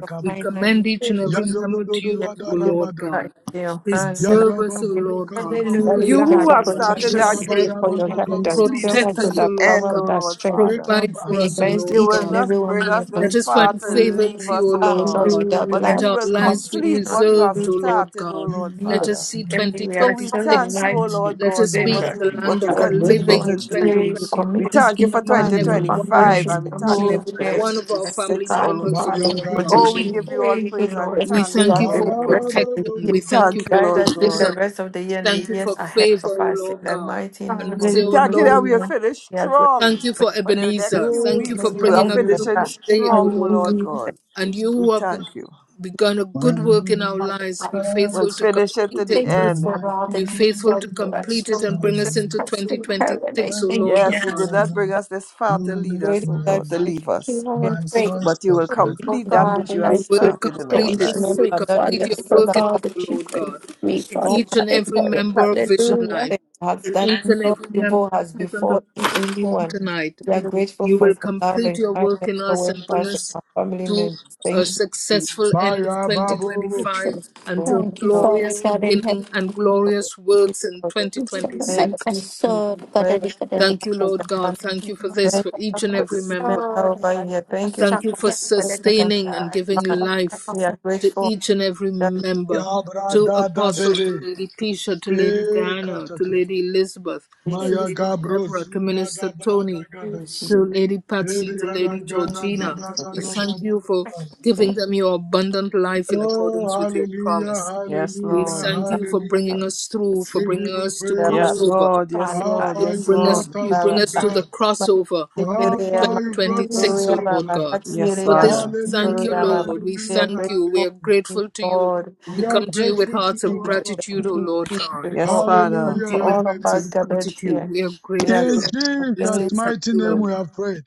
Your
We
kindness
commend
is
each and
Hallelujah.
every member
yadododo,
to you, O Lord
yadarabada,
God.
in your hand and
Preserve
Yada
us, O
baba
Lord
doka
God.
baba
Hallelujah.
ba.
Keep
Father,
us,
we
O
You
pray
who
Lord
for
have
In
God. Keep
started
Ye
the
protection,
that
us
baba
safe.
we pray
great
da
for your
work will
baba
name of
baba
guidance,
complete
baba.
fill
it
us
Protect
to
Jesus.
with
us,
the
O
that
Lord
power
end,
God.
O
and that
Lord
strength.
Wake
Father.
up,
Provide for
We
us, O
immerse
Lord
Amen.
You
each
will
and
God.
not
every one
bring
in
us
your
this
Let
blood
us
and
far
find
to
favor
leave
with
us,
you, O
O
cover
Lord
God,
ourselves
God.
with our
but
Let
Hallelujah.
blood.
you
our
will
We have
lives be
complete
seen our
what you have
preserved, O
food
Lord
started, O
God.
Lord
You
and
Let
years,
us
Father.
see
and we
So
are
we
still
thank
2026.
you,
alive
my
O
to
Lord
Let
God,
us
for
be
what
family.
in
December.
the
you
land
what you
of
We
the
are
continue
grateful
living
to
in
You
unto
do.
you. We
Praise you.
We
commit
2026.
each
thank you for
Each
member
and
and their
every one
family
of
2025
Worship
us,
members
and we
the
each
will
thank
into
you
and
for
holy
your
every
name.
one of
hands
our
Bless the
family
2026, O
God, the
members,
Lord.
O
Maya
Lord
Father,
and your
and
gabo
God.
Oh, we
protection.
bobo.
heaven.
give you all
Praise the
praise and
Lord.
Let
We
us
thanks,
do
O
thank
us
you
Lord
for
the
Maya
rest
God.
of
babo
the
protection.
year.
We
We thank you
thank
bobo.
you,
for
Guide
Lord
us through
God.
the
provision.
rest of the
We
year and
thank
the
you for
years ahead of
favor, O
us in
Lord
the
God.
mighty
And
name
we
of
say,
We
O
thank you that
Lord
we have
Hallelujah.
finished
we are grateful.
Thank
strong
you for
for the next
Ebenezer.
few
Thank
Oh,
you
weeks.
for
We
kata
Jesus,
will
Hallelujah.
bringing us
Lord
finish
to
beneza.
finishing
God.
this day, O
strong, O
Lord God.
Lord
Hallelujah.
Thank
God.
you,
And
Jesus.
you
We
who have be-
thank you.
begun a
When
good work in our
I
lives,
Hallelujah.
be
cry,
We'll
faithful to
finish it
We
to
complete
the
it.
thank you
when
end.
for
I
all
Be
that
fall,
you've
faithful to
done for
you
us,
complete it
Lord
and
answer
bring us
Jesus
into
Christ in heaven. I
2026, O
when I'm
Lord
thank you.
Yes, you did
God.
not bring
down,
us this far
you
to lead
lift
Great
us,
is
oh
me
thy
up.
God, to leave
faithfulness.
us.
You
We
are
are
a
My
great,
grateful
son
and
But you will
suffers.
grateful
for
complete
each
that
member.
God,
which you
and
have
I
You will
pray
started
Grateful
in
for
our
complete
that you
it.
each
life.
You will
member
sweet
that we
complete
Father
are
your
still
for
work in
all
us, O
that
alive
you
Lord
do
God,
for
and
me,
in
strong
Father
each
God
and
in
and
every
heaven.
healthy.
member of Vision
Hallelujah.
Life,
Nothing has
in
that
each and
no
every
evil
member
has
present on
before
the platform
anyone.
tonight.
We are grateful
You
for
will
your love
complete
and
your work
kindness
in us
towards
and bring
us and
us
our family
to
members.
a
Thank you, Jesus.
successful end of
Maya babu
2025 and to
Thank you,
a
Thank you,
Lord.
Father
glorious
God in
beginning
heaven.
and
Thank you, Lord.
glorious
Thank you,
works in
Lord.
2026.
Thank you, Jesus.
So,
For
God, I
every
declare
member
that the
Thank you,
of your
Lord
family.
God. Thank you for
kingdom
this,
of
Thank
for
you
each and
God
for each
every
is
member
member.
over
ours.
here. Thank you
So,
Thank you
for
for
each
that's what I
person on
sustaining and
declare
giving
the line.
life
We are
that
to
grateful
each and every
that you
member,
ya
give
to
brada da
Apostle,
de de
to Lady Tisha, to Lady
e
Diana, to
kataka.
you this opportunity. Thank you.
Lady Elizabeth, to
Jesus.
Maya
Lady
gabro
Deborah, to
si bada
Minister
brada
Tony,
gada.
Thank you.
to Lady Patsy,
Eri
to
ara
Lady
We are
gada da
Georgina.
da
grateful Lord
da da
We
da
thank
da
you for
da.
Jesus.
giving
Thank you, Jesus,
them your abundant life in accordance
Oh
with your
hallelujah,
promise.
Yes,
We
hallelujah,
Lord.
thank you for bringing
hallelujah.
us through, for
We give
bringing
you
us to
Yes,
praise
crossover,
Lord.
for
Yes,
Father
how
Lord.
God.
to
far
Yes,
you
bring us
brought
Lord.
you
us,
bring
oh
us to the
God.
crossover
For
in
how
twenty
far you
twenty
brought
six,
us,
O
oh
lord
God.
god
Yes,
for this
Father.
we thank you
Hallelujah,
lord we
hallelujah,
thank you we are
hallelujah.
grateful to you
We
we
are
come to you with
grateful to
hearts of
you, Abba
gratitude O
Father.
lord god
Yes,
for,
we
Father.
come
Hallelujah,
to
for
you with
all of
hearts
us
hallelujah.
of
gathered here.
gratitude we are
We are
grateful
In
grateful.
we
Jesus'
say
Thank you.
thank
mighty
you
name we
lord
have prayed.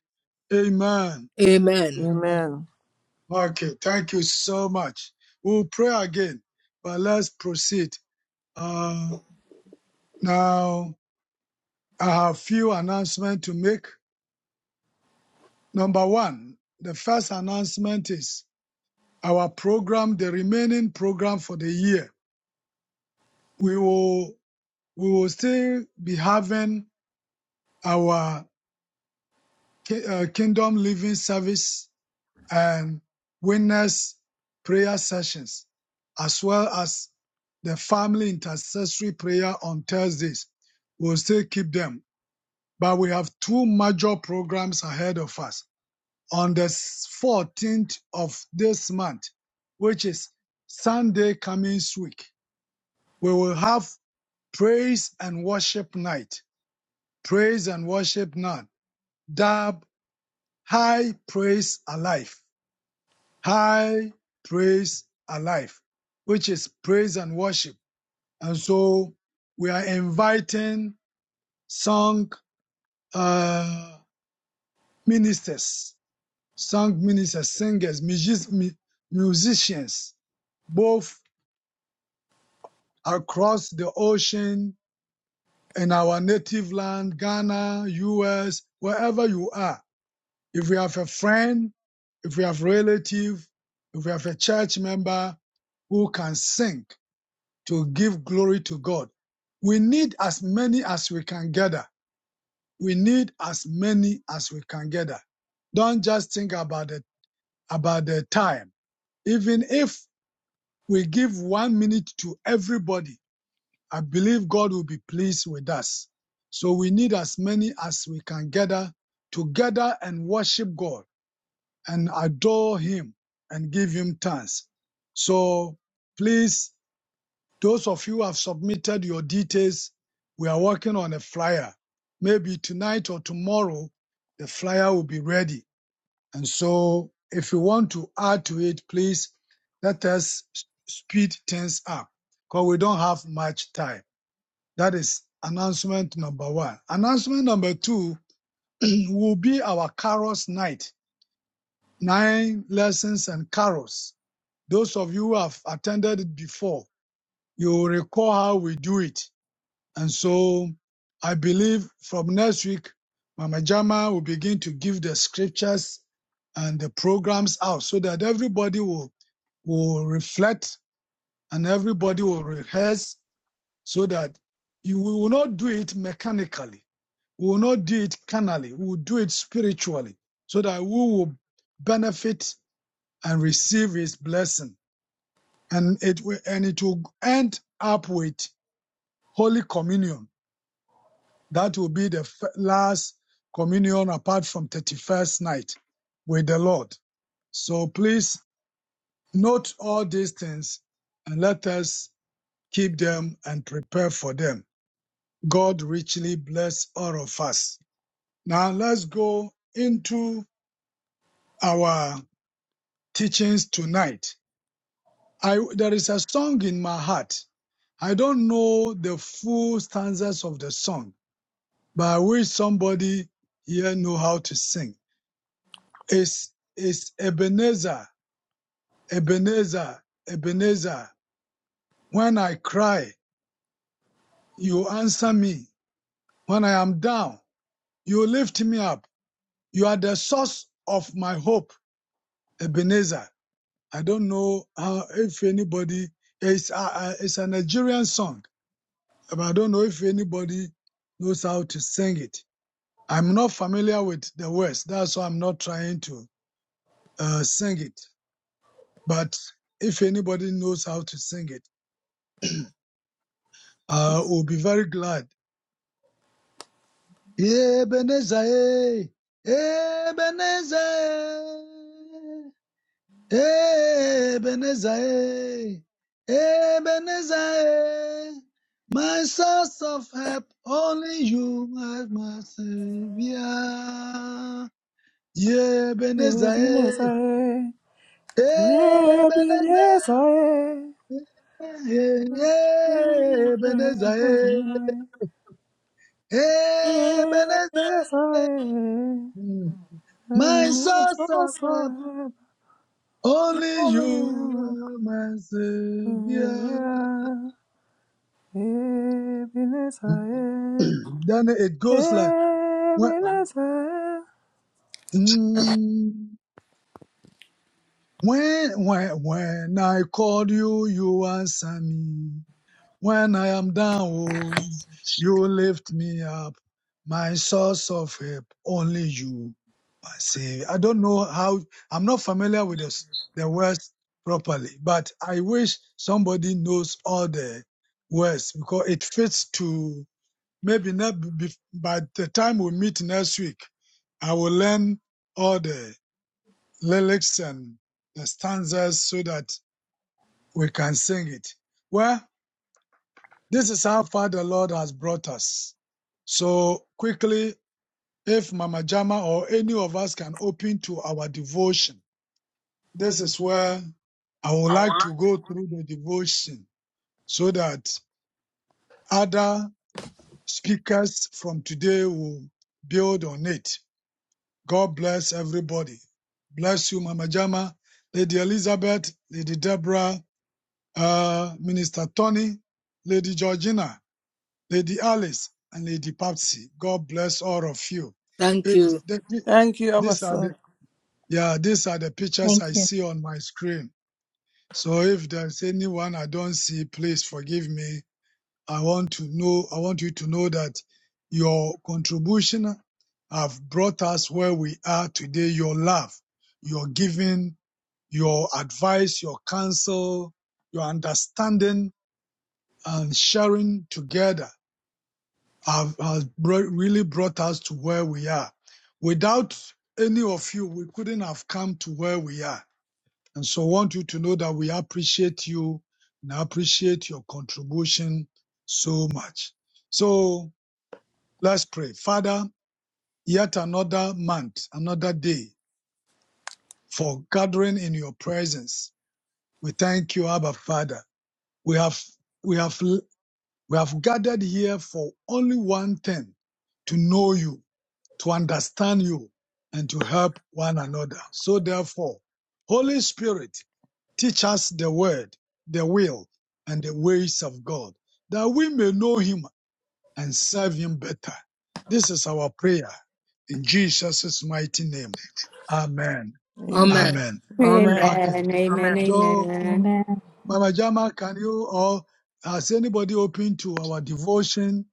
Amen.
amen
Amen.
Amen.
Okay, thank you so much. We'll pray again, but let's proceed. Uh, now, I have few announcements to make. Number one, the first announcement is our program, the remaining program for the year. We will, we will still be having our Ki- uh, Kingdom Living Service and Witness Prayer Sessions, as well as the Family Intercessory Prayer on Thursdays. We'll still keep them, but we have two major programs ahead of us. On the 14th of this month, which is Sunday coming week, we will have Praise and Worship Night. Praise and Worship Night. Dab High Praise Alive high praise alive, which is praise and worship. And so we are inviting song uh, ministers, song ministers, singers, musis- mu- musicians, both across the ocean in our native land, Ghana, US, wherever you are. If you have a friend, if you have relative, if you have a church member who can sing, to give glory to God. We need as many as we can gather. We need as many as we can gather. Don't just think about it, about the time. Even if we give one minute to everybody, I believe God will be pleased with us. So we need as many as we can gather to gather and worship God and adore Him and give Him thanks. So please Those of you who have submitted your details, we are working on a flyer. Maybe tonight or tomorrow, the flyer will be ready. And so if you want to add to it, please let us speed things up because we don't have much time. That is announcement number one. Announcement number two will be our carols night, nine lessons and carols. Those of you who have attended it before, you will recall how we do it. And so I believe from next week, Mama Jama will begin to give the scriptures and the programs out so that everybody will, will reflect and everybody will rehearse so that you we will not do it mechanically. We will not do it carnally. We will do it spiritually so that we will benefit and receive his blessing. And it will, and it will end up with Holy Communion That will be the last communion apart from 31st night with the Lord. So please note all these things and let us keep them and prepare for them. God richly bless all of us. Now let's go into our teachings tonight. I, there is a song in my heart. I don't know the full stanzas of the song, but I wish somebody here know how to sing. It's, it's Ebenezer, Ebenezer, Ebenezer. When I cry, you answer me. When I am down, you lift me up. You are the source of my hope, Ebenezer. I don't know how, if anybody, it's a, it's a Nigerian song, but I don't know if anybody knows how to sing it. I'm not familiar with the words, that's why I'm not trying to uh, sing it. But if anybody knows how to sing it, I will be very glad. Ebenezer, eh, Ebenezer, eh, Ebenezer, eh, Ebenezer, eh. my source of help, only you are my savior. Yeah, Ebenezer,
Ebenezer,
eh, Ebenezer,
Ebenezer,
eh, eh, Ebenezer,
Ebenezer,
eh, Ebenezer. My soul suffered,
Ebenezer,
only you are my savior. then it goes like, when, mm, when, when, when I called you, you answer me. When I am down, oh, you lift me up. My source of help, only you, my Savior. I don't know how, I'm not familiar with this, the words properly, but I wish somebody knows all the words because it fits to maybe not be, by the time we meet next week, I will learn all the lyrics and the stanzas so that we can sing it. Well, this is how far the Lord has brought us. So quickly, if Mama Jama or any of us can open to our devotion, this is where I would like to go through the devotion so that other speakers from today will build on it. God bless everybody. Bless you, Mama Jama, Lady Elizabeth, Lady Deborah, uh, Minister Tony, Lady Georgina. Lady Alice and Lady Patsy. God bless all of you.
thank
If
you
the,
Thank you,
these are
Abasa.
the yeah, these are the pictures
Thank
I
you.
see on my screen. So if there's anyone I don't see, please forgive me. I want to know. I want you to know that your contribution have brought us where we are today. Your love, your giving, your advice, your counsel, your understanding and sharing together have, has really brought us to where we are. Without any of you, we couldn't have come to where we are. And so I want you to know that we appreciate you and appreciate your contribution so much. So let's pray. Father, yet another month, another day for gathering in your presence. We thank you, Abba Father. We have, we have, we have gathered here for only one thing, to know you to understand you and to help one another. So therefore, Holy Spirit, teach us the word, the will, and the ways of God, that we may know him and serve him better. This is our prayer in Jesus' mighty name. Amen.
amen
Amen.
Amen.
amen
Amen.
Okay.
Amen, amen,
amen
So,
amen.
Amen.
Mama Jama, can you or has anybody open to our devotion?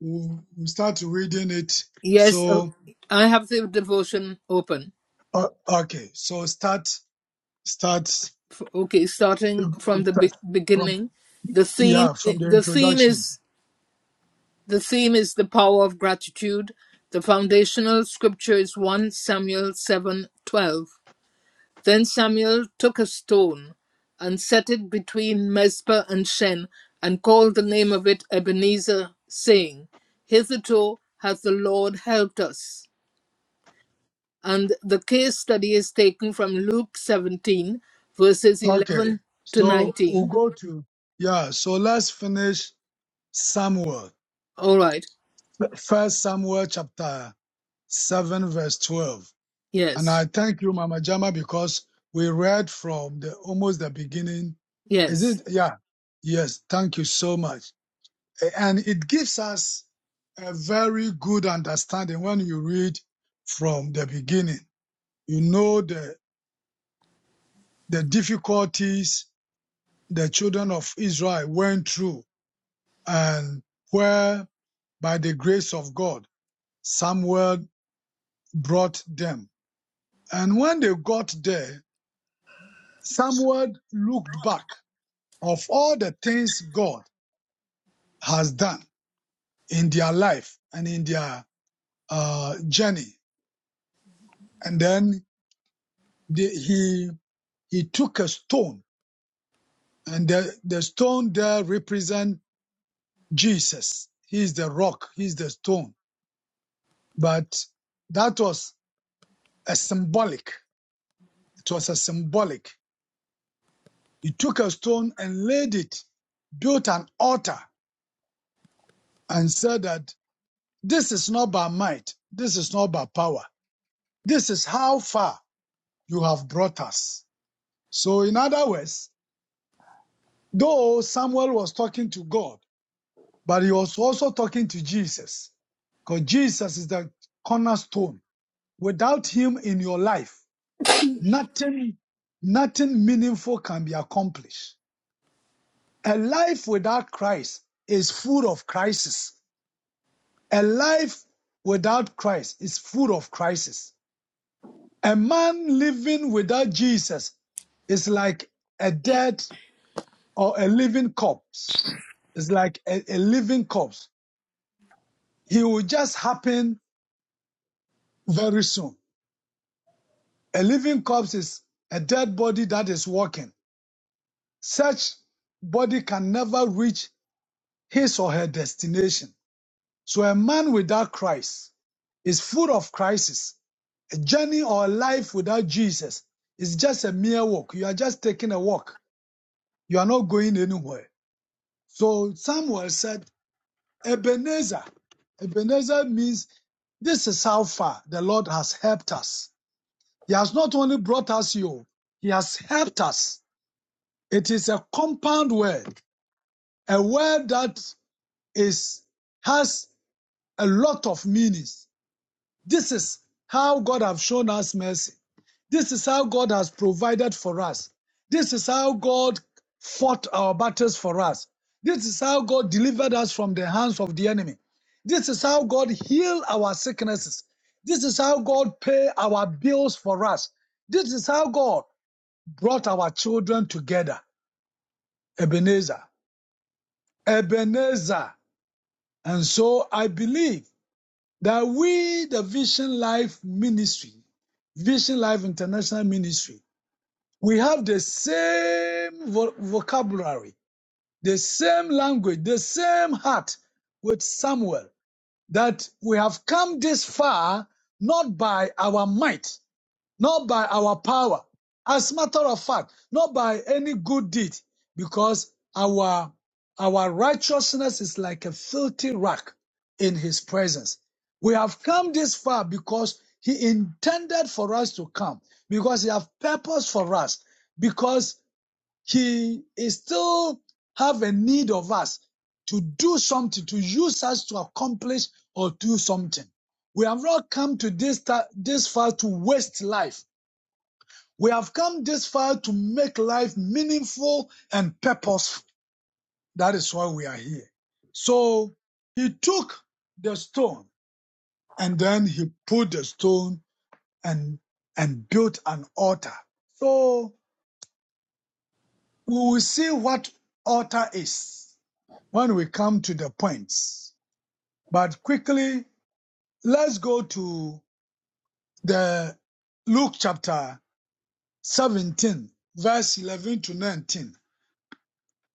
We'll we'll start reading it.
yes uh,
So,
i have the devotion open
O- okay, so start start
okay starting from
start
the be-
from
beginning the theme
yeah from the
the theme
introduction.
is The theme is the power of gratitude. The foundational scripture is 1 Samuel 7:12. Then Samuel took a stone and set it between Mizpah and Shen and called the name of it Ebenezer, saying, Hitherto hath the Lord helped us. And the case study is taken from Luke 17, verses
Okay,
11 to
so we'll
19.
go to yeah. So let's finish Samuel,
All right.
First Samuel chapter seven verse twelve. And
Yes.
I thank you, Mama Jama, because we read from the almost the beginning. Is
Yes.
it yeah? Yes, thank you so much. A- And it gives us a very good understanding when you read from the beginning You know the, the difficulties the children of Israel went through and where by the grace of God, Samuel brought them. And when they got there, Samuel looked back of all the things God has done in their life and in their uh, journey. And then the, he, he took a stone and the, the stone there represent Jesus. He is the rock. He is the stone But that was a symbolic. It was a symbolic. He took a stone and laid it, built an altar, and said that this is not by might, this is not by power. This is how far you have brought us. So, in other words, though Samuel was talking to God, but he was also talking to Jesus, because Jesus is the cornerstone. Without him in your life, nothing, nothing meaningful can be accomplished. A life without Christ is full of crisis. A life without Christ is full of crisis. A man living without Jesus is like a dead or a living corpse. It's like a, a living corpse. He will just happen very soon. A living corpse is a dead body that is walking. Such body can never reach his or her destination. So a man without Christ is full of crisis. A journey or a life without Jesus is just a mere walk. You are just taking a walk. You are not going anywhere. So Samuel said, Ebenezer. Ebenezer means this is how far the Lord has helped us. He has not only brought us you, He has helped us. It is a compound word, a word that is has a lot of meanings. This is how God have shown us mercy. This is how God has provided for us. This is how God fought our battles for us. This is how God delivered us from the hands of the enemy. This is how God healed our sicknesses. This is how God paid our bills for us. This is how God brought our children together. Ebenezer. Ebenezer. And so I believe that we, the Vision Life Ministry, Vision Life International Ministry, we have the same vo- vocabulary, the same language, the same heart with Samuel, that we have come this far not by our might, not by our power. As a matter of fact, not by any good deed, because our, our righteousness is like a filthy rag in his presence. We have come this far because he intended for us to come, because he has purpose for us, because he is still have a need of us to do something, to use us to accomplish or do something. We have not come to this, ta- this far to waste life. We have come this far to make life meaningful and purposeful. That is why we are here. So he took the stone and then he put the stone and, and built an altar. So we will see what altar is when we come to the points. But quickly, let's go to the Luke chapter 17, verse 11 to 19.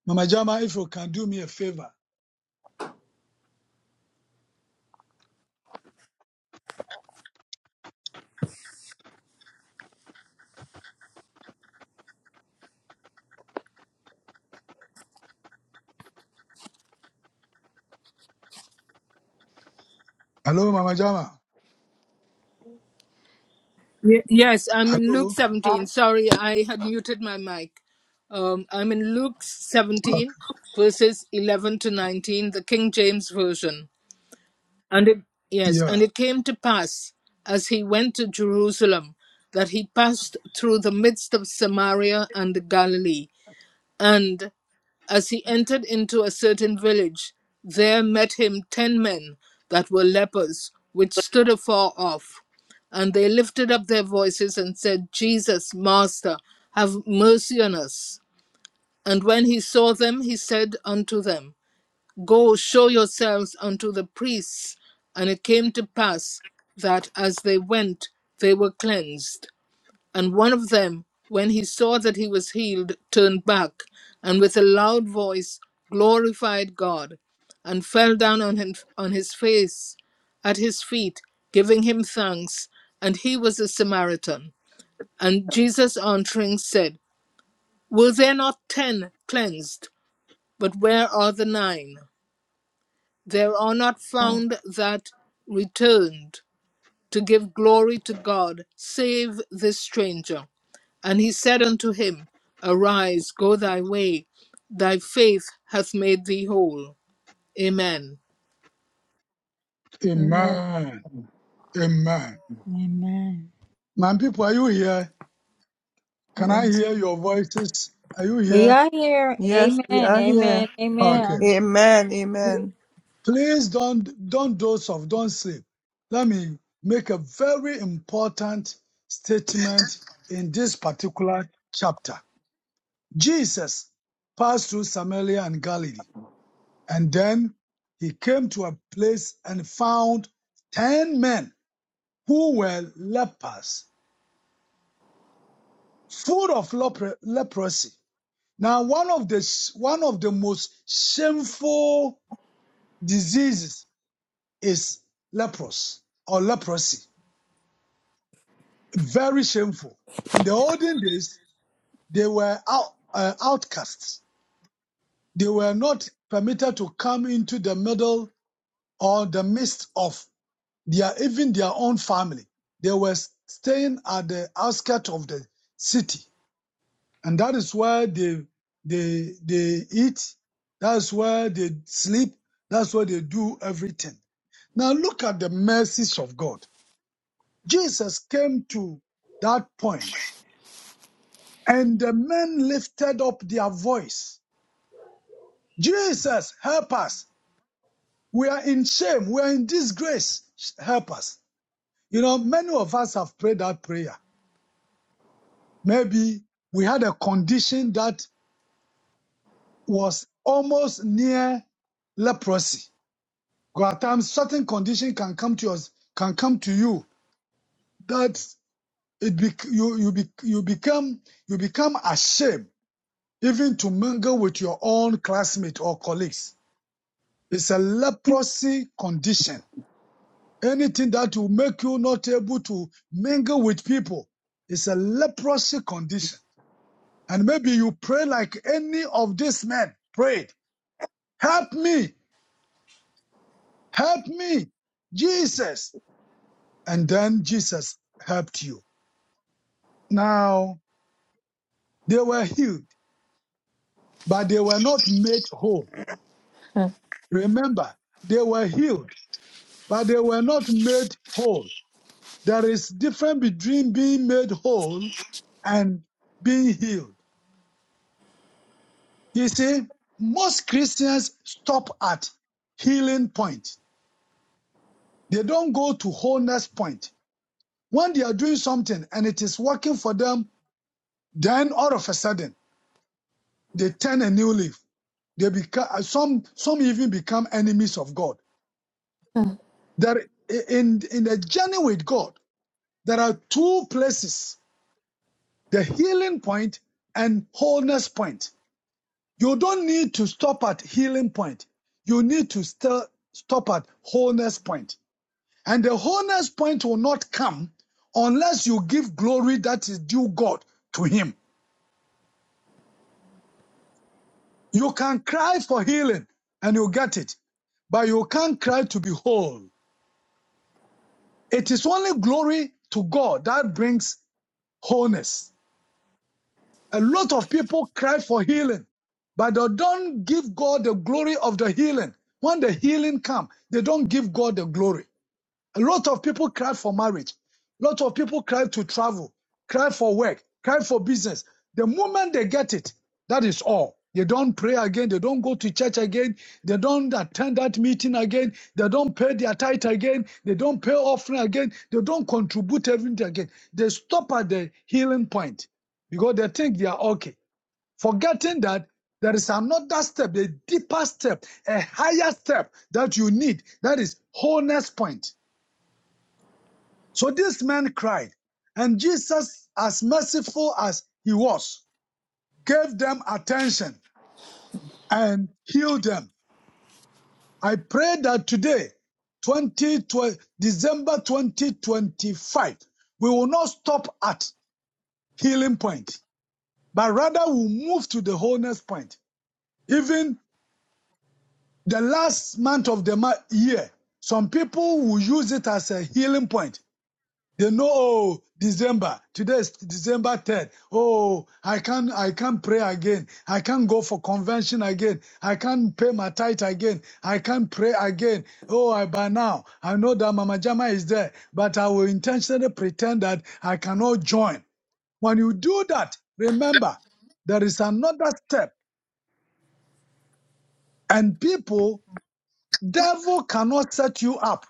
Mama Jama, if you can do me a favor Hello, Mama Jama.
Ye- Yes, I'm in Luke
Hello.
17.
Thank
Sorry, I had muted my mic. Um, I'm in Luke
Okay.
17, verses 11 to 19, the King James Version. And it, yes, and
Yeah.
it came to pass as he went to Jerusalem that he passed through the midst of Samaria and Galilee. And as he entered into a certain village, there met him ten men that were lepers, which stood afar off. And they lifted up their voices and said, Jesus, Master, have mercy on us. And when he saw them, he said unto them, Go show yourselves unto the priests. And it came to pass that as they went, they were cleansed. And one of them, when he saw that he was healed, turned back, and with a loud voice glorified God, and fell down on, him, on his face at his feet, giving him thanks. And he was a Samaritan. And Jesus answering said, Were there not ten cleansed? But where are the nine? There are not
you.
found that returned to give glory to God, save this stranger. And he said unto him, Arise, go thy way, thy faith hath made thee whole. Amen.
Amen.
Amen. Amen.
Amen.
My people, are you here? Can I
Yes.
hear your voices? Are you
We
here?
are here.
Yes,
Amen.
we are here.
Amen.
Okay.
Amen.
Amen. Amen.
Please don't don't doze off. Don't sleep. Let me make a very important statement in this particular chapter. Jesus passed through Samaria and Galilee, and then he came to a place and found ten men who were lepers full of lepro- leprosy. Now, one of the one of the most shameful diseases is leprosy or leprosy. Very shameful. In the olden days, they were out, uh, outcasts. They were not permitted to come into the middle or the midst of their even their own family. They were staying at the outskirts of the city and that is where they they they eat that's where they sleep that's where they do everything now look at the mercies of god jesus came to that point and the men lifted up their voice jesus help us we are in shame we are in disgrace help us you know many of us have prayed that prayer maybe we had a condition that was almost near leprosy There are times certain condition can come to us, can come to you that it be, you you be, you become you become ashamed even to mingle with your own classmate or colleagues. It's a leprosy condition. Anything that will make you not able to mingle with people is a leprosy condition. And maybe you pray like any of these men prayed, help me, help me, Jesus. And then Jesus helped you. Now, they were healed, but they were not made whole.
Thank
Remember, they were healed, but they were not made whole. There is difference between being made whole and being healed. You see, most Christians stop at healing point. They don't go to wholeness point. When they are doing something and it is working for them, then all of a sudden they turn a new leaf. They become some some even become enemies of God that in in the journey with God, there are two places: the healing point and wholeness point. You don't need to stop at healing point. You need to still stop at wholeness point. And the wholeness point will not come unless you give glory that is due God to Him. You can cry for healing and you get it, but you can't cry to be whole. It is only glory to God that brings wholeness. A lot of people cry for healing, but they don't give God the glory of the healing. When the healing comes, they don't give God the glory. A lot of people cry for marriage. A lot of people cry to travel, cry for work, cry for business. The moment they get it, that is all. They don't pray again. They don't go to church again. They don't attend that meeting again. They don't pay their tithe again. They don't pay offering again. They don't contribute everything again. They stop at the healing point because they think they are okay, forgetting that there is another step, a deeper step, a higher step that you need. That is wholeness point. So this man cried, and Jesus, as merciful as he was, gave them attention and healed them. I pray that today, 20, December 2025, we will not stop at healing point, but rather we'll move to the wholeness point. Even the last month of the year, some people will use it as a healing point. They know, oh, December. Today is December 3rd. Oh, I can't, I can't pray again. I can't go for convention again. I can't pay my tithe again. I can't pray again. Oh, I, by now, I know that Mama Jama is there, but I will intentionally pretend that I cannot join. When you do that, remember, there is another step and people, devil cannot set you up.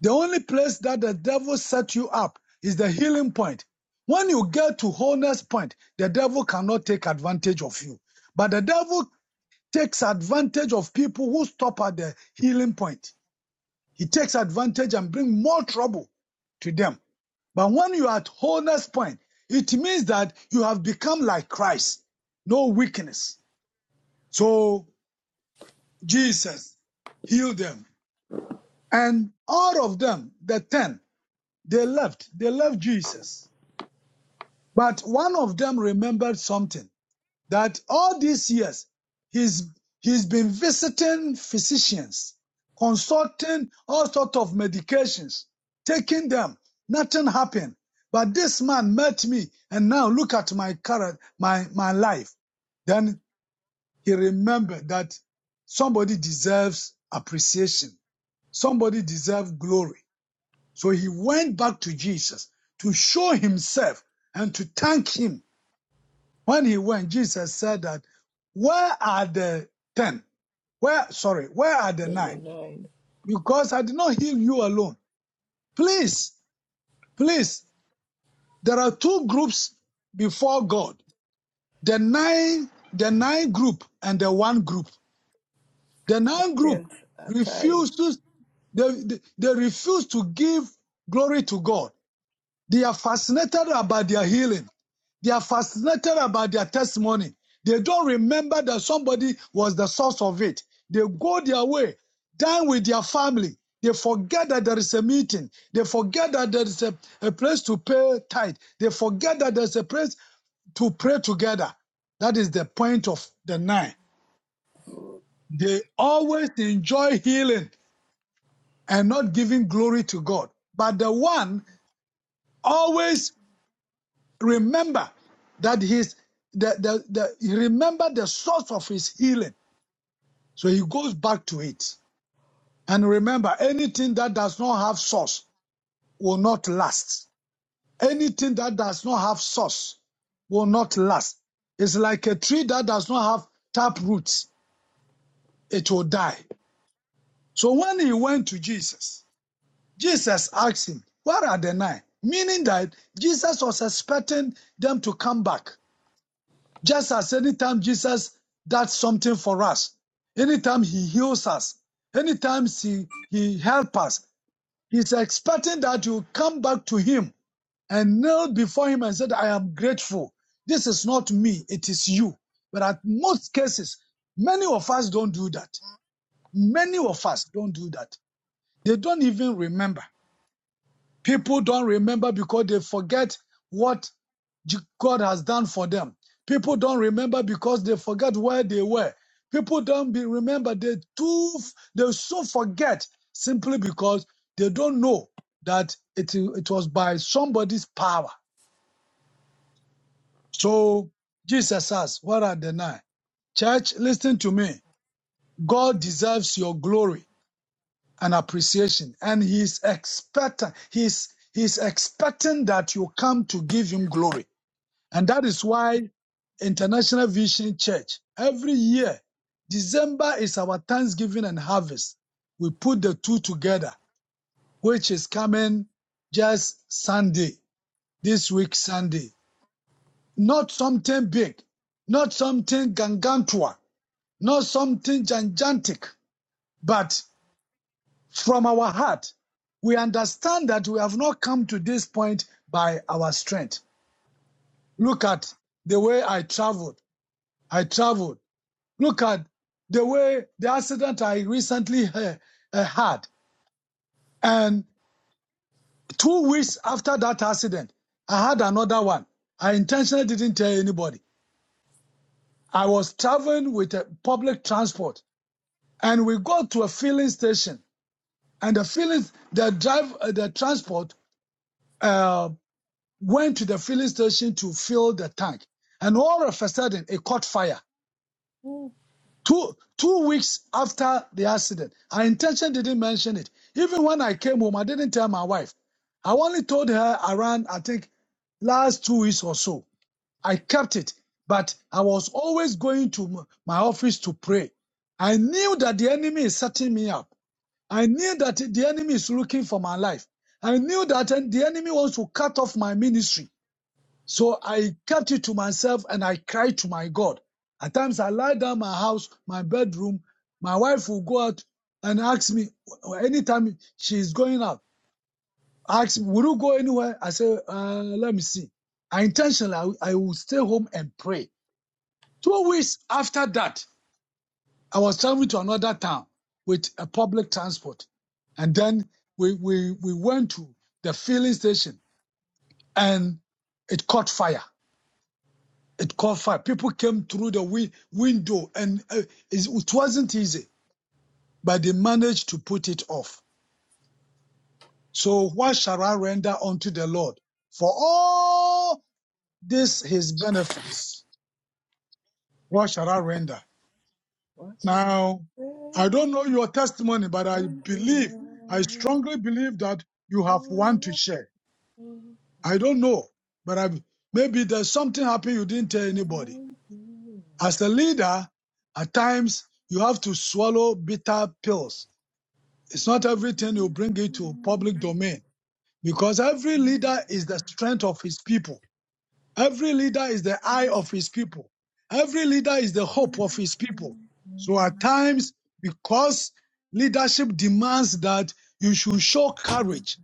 The only place that the devil set you up is the healing point. When you get to wholeness point, the devil cannot take advantage of you. But the devil takes advantage of people who stop at the healing point. He takes advantage and bring more trouble to them. But when you are at wholeness point, it means that you have become like Christ. No weakness. So Jesus healed them. And all of them, the ten, they left. They left Jesus. But one of them remembered something that all these years he's he's been visiting physicians, consulting all sorts of medications, taking them. Nothing happened. But this man met me, and now look at my current my my life. Then he remembered that somebody deserves appreciation. Somebody deserves glory. So he went back to Jesus to show himself and to thank him when he went, Jesus said that, where are the ten? Where, sorry, where are the
Then the
nine?
nine,
Because I did not heal you alone. Please, please, there are two groups before God. The nine, the nine group and the one group. The nine group
tenth are tied.
refused to, they, they they refuse to give glory to God. They are fascinated about their healing They are fascinated about their testimony. They don't remember that somebody was the source of it. They go their way, dine with their family. They forget that there is a meeting. They forget that there is a, a place to pay tithe. They forget that there's a place to pray together. That is the point of the nine. They always enjoy healing and not giving glory to God. But the one always remember that his the, the, the he remember the source of his healing so he goes back to it and remember anything that does not have source will not last anything that does not have source will not last it's like a tree that does not have tap roots it will die so when he went to jesus jesus asked him where are the nine?" meaning that jesus was expecting them to come back Just as anytime Jesus does something for us, anytime he heals us, anytime he, he helps us, he's expecting that you come back to him and kneel before him and said, I am grateful. This is not me, it is you. But at most cases, many of us don't do that. Many of us don't do that. They don't even remember. People don't remember because they forget what God has done for them. People don't remember because they forget where they were. People don't be remember they too they so forget simply because they don't know that it it was by somebody's power. So Jesus asked, "What are the nine? Church, listen to me. God deserves your glory. an appreciation and he's expecting he's he's expecting that you come to give him glory and that is why international vision church every year december is our thanksgiving and harvest we put the two together which is coming just sunday this week sunday not something big not something gangantua not something gigantic but from our heart. We understand that we have not come to this point by our strength. Look at the way I traveled. I traveled. Look at the way the accident I recently uh, uh, had. And two weeks after that accident, I had another one. I intentionally didn't tell anybody. I was traveling with a public transport and we got to a filling station and the filling, the drive, uh, the transport, uh, went to the filling station to fill the tank. And all of a sudden, it caught fire. Two, two weeks after the accident, I intentionally didn't mention it. Even when I came home, I didn't tell my wife. I only told her around, I think, last two weeks or so. I kept it, but I was always going to m- my office to pray. I knew that the enemy is setting me up. I knew that the enemy is looking for my life. I knew that uh, the enemy wants to cut off my ministry. So I kept it to myself and I cried to my God. At times I lie down my house, my bedroom. My wife will go out and ask me anytime she is going out. Ask me, will you go anywhere? I say, uh, let me see. I intentionally, I, I will stay home and pray. Two weeks after that, I was traveling to another town with a public transport. And then we, we, we went to the filling station and it caught fire. It caught fire. People came through the wi- window, and uh, it it wasn't easy, but they managed to put it off. So what shall I render unto the Lord for all this His benefits? What shall I render?
What a
Now, I
friend
don't know your testimony, but I believe, I
you
strongly believe that you have one to
are.
share. I don't know, but I maybe there's something happened you didn't tell anybody. As a leader, at times you have to swallow bitter pills. It's not everything you bring into public domain because every leader is the strength of his people. Every leader is the eye of his people. Every leader is the hope of his people. So at times, because leadership demands that you should show courage,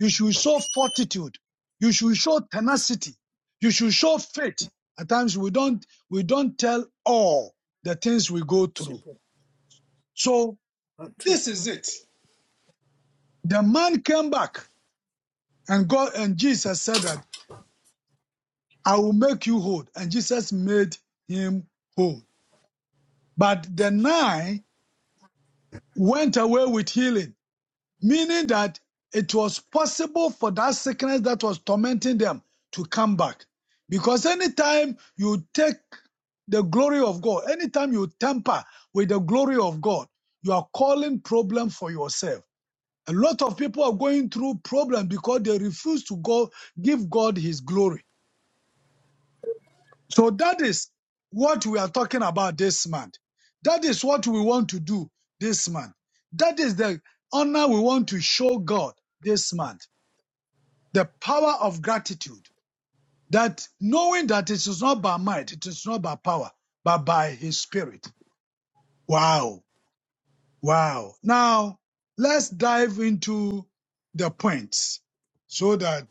you should show fortitude, you should show tenacity, you should show faith. At times we don't, we don't tell all the things we go through.
Simple.
So
Not
this
trivial.
is it. The man came back and God and Jesus said that I will make you whole. And Jesus made him whole. But the nine went away with healing, meaning that it was possible for that sickness that was tormenting them to come back. Because anytime you take the glory of God, anytime you tamper with the glory of God, you are calling problem for yourself. A lot of people are going through problems because they refuse to go give God his glory. So that is what we are talking about this month. That is what we want to do this month. That is the honor we want to show God this month. The power of gratitude. That knowing that it is not by might, it is not by power, but by his spirit. Wow. Wow. Now let's dive into the points so that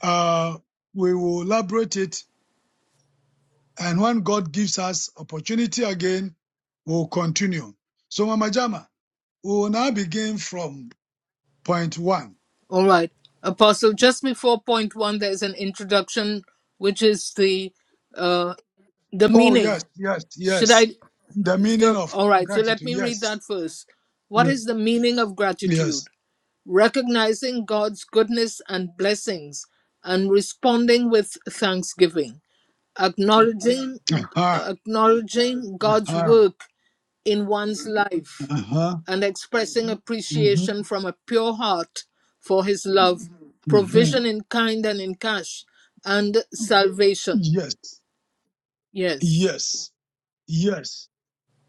uh, we will elaborate it And when God gives us opportunity again, we'll continue. So, Mama Jama, we will now begin from point one.
All right. Apostle, just before point one, there's an introduction, which is the uh, the
Oh,
meaning.
yes, yes,
Should
yes.
I?
The meaning
So,
of
all right. So let
gratitude.
me read
Yes,
that first. What
yes,
is the meaning of gratitude?
yes.
Recognizing God's goodness and blessings and responding with thanksgiving. acknowledging
Uh-huh,
acknowledging God's
uh-huh,
work in one's life
uh-huh.
and expressing
hmm
appreciation from a pure heart for his love,
hmm
provision in kind and in cash, and salvation.
Yes,
Yes,
yes, yes.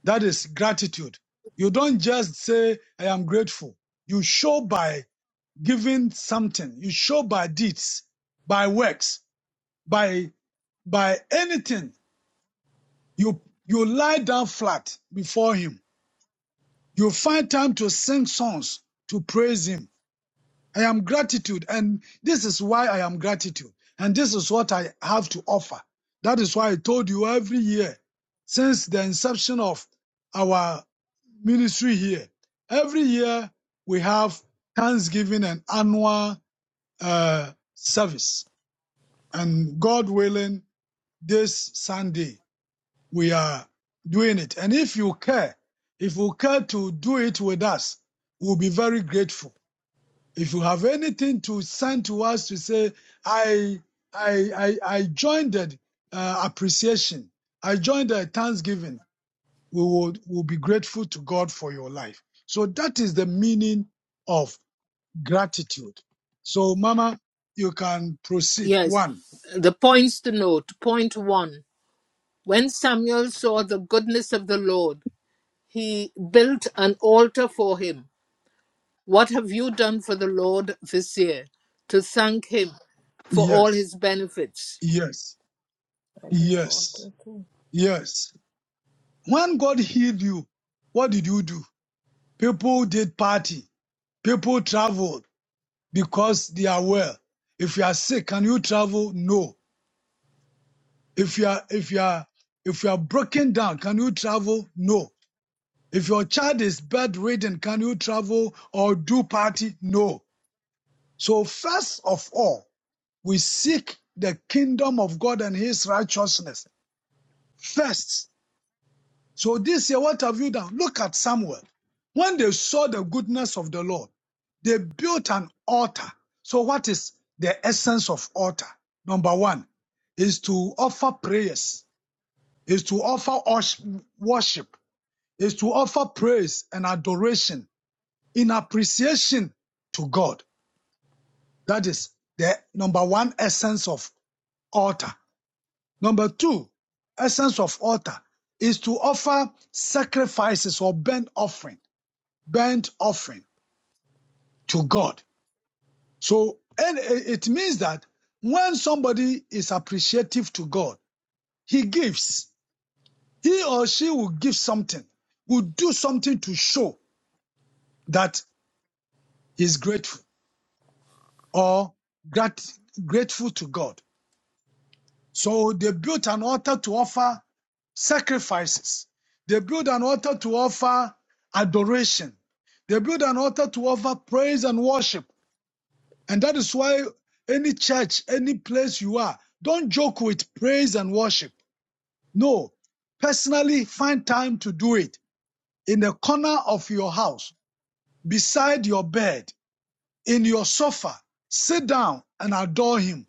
That is gratitude. You don't just say, I am grateful. You show by giving something. You show by deeds, by works. by by anything. You you lie down flat before him. You find time to sing songs to praise him. I am gratitude, and this is why I am gratitude, and this is what I have to offer. That is why I told you every year since the inception of our ministry here. Every year we have Thanksgiving and annual uh, service, and God willing, this Sunday we are doing it. And if you care, if you care to do it with us, we'll be very grateful. If you have anything to send to us to say, I, I, I, I joined the uh, appreciation, I joined the thanksgiving, we will will be grateful to God for your life. So that is the meaning of gratitude. So, Mama, you can proceed.
yes.
One,
The points to note. Point one When Samuel saw the goodness of the Lord, he built an altar for him. What have you done for the Lord this year to thank him for all
yes,
his benefits?
yes,
I do the
yes,
altar too.
yes. When God healed you, what did you do? People did party. People traveled because they are well. If you are sick, can you travel? No. If you are, if you are, if you are broken down, can you travel? No. If your child is bedridden, can you travel or do party? No. So first of all, we seek the kingdom of God and his righteousness first So this year, what have you done? Look at Samuel. When they saw the goodness of the Lord, they built an altar. So what is the essence of altar? Number one is to offer prayers, is to offer worship, is to offer praise and adoration in appreciation to God. That is the number one essence of altar. Number two, essence of altar is to offer sacrifices or burnt offering burnt offering to God. So, and it means that when somebody is appreciative to God, he gives. He or she will give something, will do something to show that he's grateful or grat- grateful to God. So they built an altar to offer sacrifices. They built an altar to offer adoration. They built an altar to offer praise and worship. And that is why any church, any place you are, don't joke with praise and worship. No, personally find time to do it in the corner of your house, beside your bed, in your sofa. Sit down and adore Him.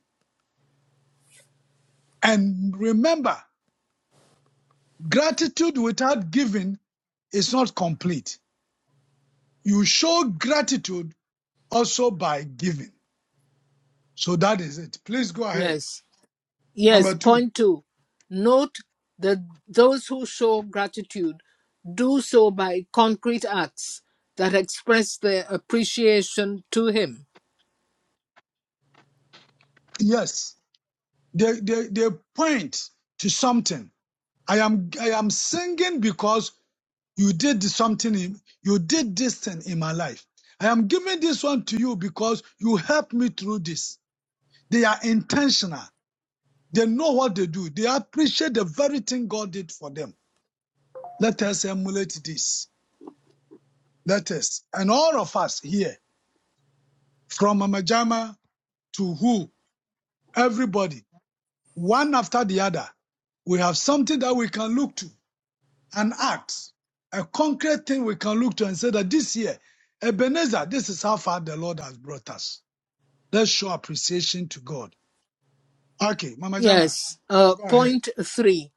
And remember, gratitude without giving is not complete. You show gratitude also by giving. So that is it. Please go ahead.
Yes.
Number
Yes.
two.
Point two. Note that those who show gratitude do so by concrete acts that express their appreciation to him.
Yes. They, they, they point to something. I am, I am singing because you did something, in, you did this thing in my life. I am giving this one to you because you helped me through this. They are intentional. They know what they do. They appreciate the very thing God did for them. Let us emulate this. Let us. And all of us here, from Mama Jama to who, everybody, one after the other, we have something that we can look to. an act, a concrete thing we can look to and say that this year, Ebenezer, this is how far the Lord has brought us. Let's show appreciation to God. Okay, Mama Jama,
Yes. Uh,
go ahead.
point three.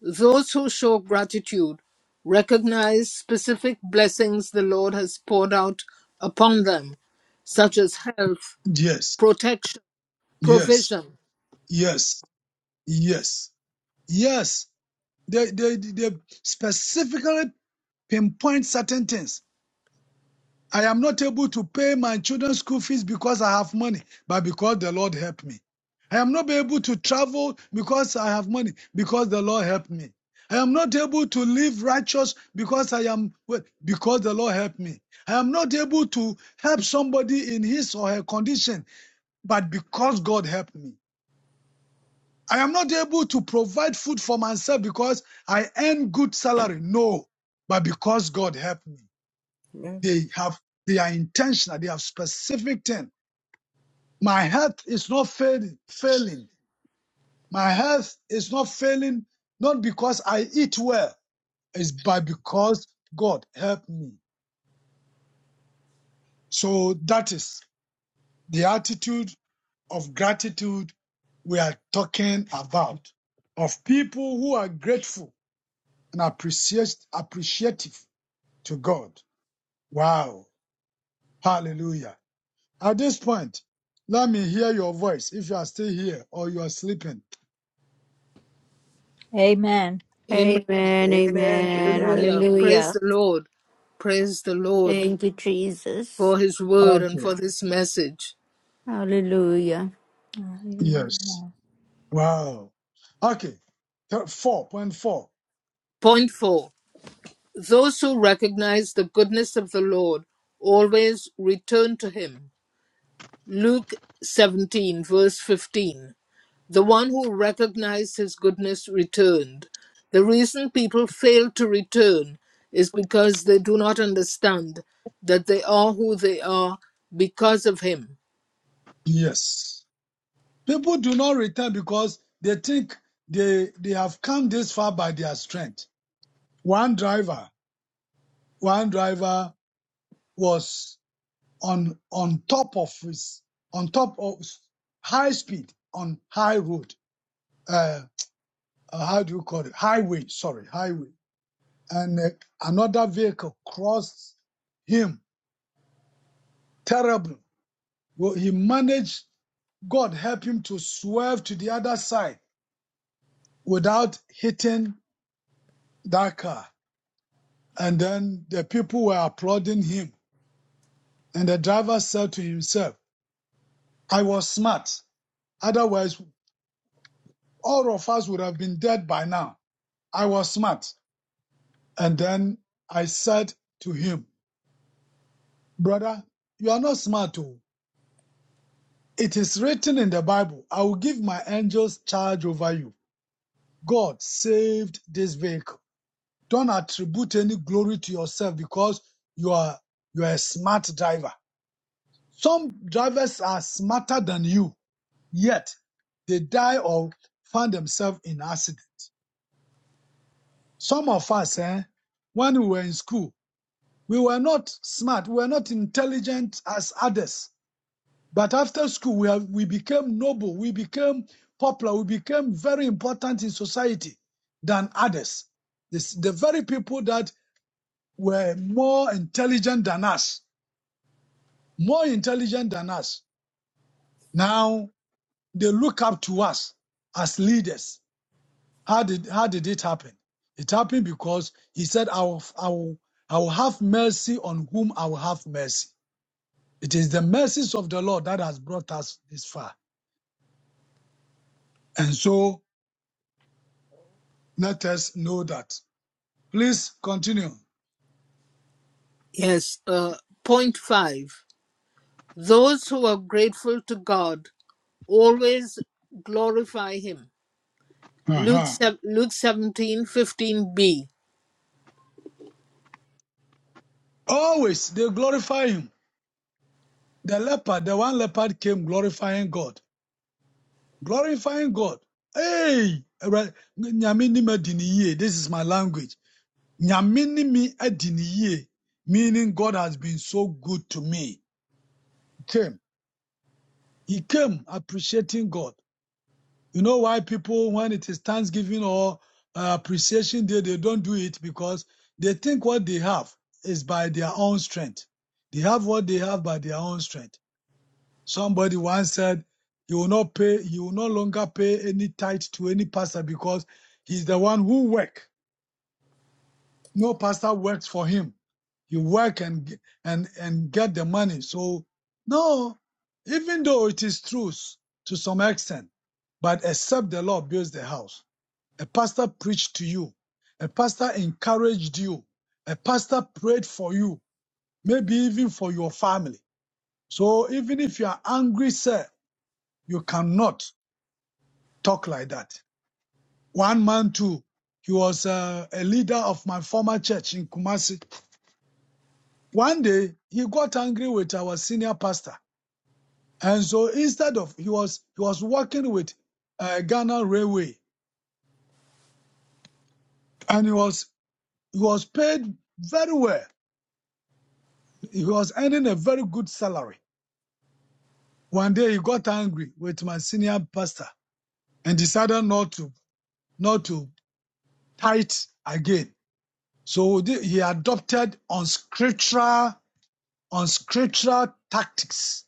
Those who show gratitude recognize specific blessings the Lord has poured out upon them, such as health,
Yes,
protection,
yes,
provision.
yes, yes, yes. They, they, they specifically pinpoint certain things. I am not able to pay my children's school fees because I have money, but because the Lord helped me. I am not able to travel because I have money, because the Lord helped me. I am not able to live righteous because I am well, because the Lord helped me. I am not able to help somebody in his or her condition, but because God helped me. I am not able to provide food for myself because I earn good salary. No, but because God helped me. They have, they are intentional. They have specific thing. My health is not failing, failing. My health is not failing, not because I eat well, it's by because God helped me. So that is the attitude of gratitude we are talking about of people who are grateful and appreciate, appreciative to God. Wow. Hallelujah. At this point, let me hear your voice if you are still here or you are sleeping.
Amen.
Amen.
Amen,
Amen.
amen.
Amen.
Hallelujah. Praise
Hallelujah.
the Lord. Praise the Lord.
Thank you, Jesus.
for his word and for
Okay.
this message.
Hallelujah.
Yes.
Hallelujah.
Wow. Okay. 4.4.
Point four Those who recognize the goodness of the Lord always return to him. Luke 17, verse 15. The one who recognized his goodness returned. The reason people fail to return is because they do not understand that they are who they are because of him.
Yes. People do not return because they think they, they have come this far by their strength. One driver, one driver was on, on top of his, on top of high speed on high road. Uh, uh, how do you call it? Highway. Sorry. Highway and uh, another vehicle crossed him terribly. Well, he managed, God help him to swerve to the other side without hitting that car. And then the people were applauding him. And the driver said to himself, I was smart. Otherwise, all of us would have been dead by now. I was smart. And then I said to him, Brother, you are not smart. Oh. It is written in the Bible, I will give my angels charge over you God saved this vehicle. Don't attribute any glory to yourself because you are you are a smart driver. Some drivers are smarter than you, yet they die or find themselves in accidents. Some of us, eh, when we were in school, we were not smart, we were not intelligent as others. But after school, we, have, we became noble, we became popular, we became very important in society than others. This, the very people that were more intelligent than us, more intelligent than us. Now they look up to us as leaders. How did how did it happen? It happened because he said, I will, I will, I will have mercy on whom I will have mercy. It is the mercies of the Lord that has brought us this far. And so let us know that. Please continue.
Yes, uh, point five. Those who are grateful to God always glorify him. Luke
Uh-huh.
sev- Luke seventeen fifteen b
Always they glorify him. The leper, the one leper came glorifying God. glorifying God. Hey, right. Nyame ni me di This is my language. Nyame ni me adi Meaning God has been so good to me. He came. He came appreciating God. You know why people, when it is Thanksgiving or uh, appreciation day, they don't do it because they think what they have is by their own strength. They have what they have by their own strength. Somebody once said he will not pay, he will no longer pay any tithe to any pastor because he's the one who work. No pastor works for him. He work and and and get the money. So no, even though it is true to some extent, but except the Lord builds the house. A pastor preached to you. A pastor encouraged you. A pastor prayed for you. Maybe even for your family. So even if you are angry, sir, you cannot. talk like that. One man too. He was uh, a leader of my former church in Kumasi. One day he got angry with our senior pastor, and so instead of he was he was working with uh, Ghana Railway, and he was he was paid very well. He was earning a very good salary. One day he got angry with my senior pastor and decided not to not to tithe again. So he adopted unscriptural on scriptural tactics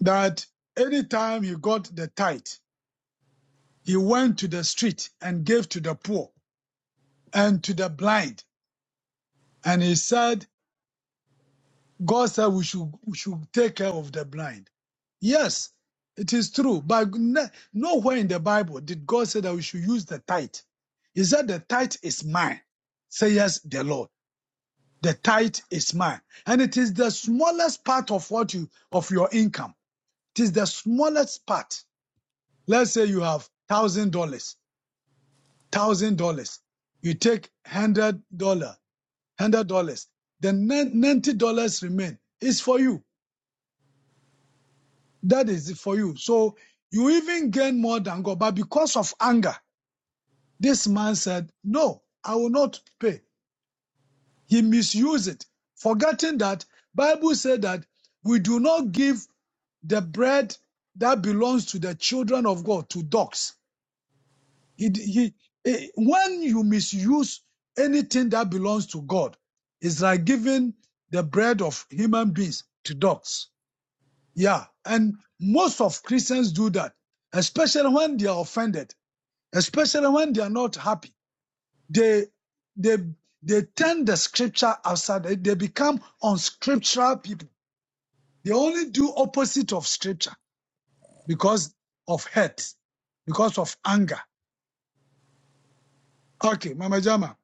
that anytime he got the tithe, he went to the street and gave to the poor and to the blind. And he said, God said we should, we should take care of the blind. Yes, it is true. But n- nowhere in the Bible did God say that we should use the tithe. He said, The tithe is mine. Say yes, the Lord. The tithe is mine. And it is the smallest part of what you of your income. It is the smallest part. Let's say you have thousand dollars, thousand dollars. You take hundred dollar, hundred dollars. Then ninety dollars remain It's for you. That is for you. So you even gain more than God. But because of anger, this man said, "No, I will not pay." He misused it, forgetting that Bible said that we do not give the bread that belongs to the children of God to dogs He, he, eh, when you misuse anything that belongs to God, it's like giving the bread of human beings to dogs. Yeah. And most of Christians do that, especially when they are offended, especially when they are not happy. They, they, they turn the scripture outside. They they become unscriptural people. They only do opposite of scripture because of hate, because of anger. Okay, Mama Jama.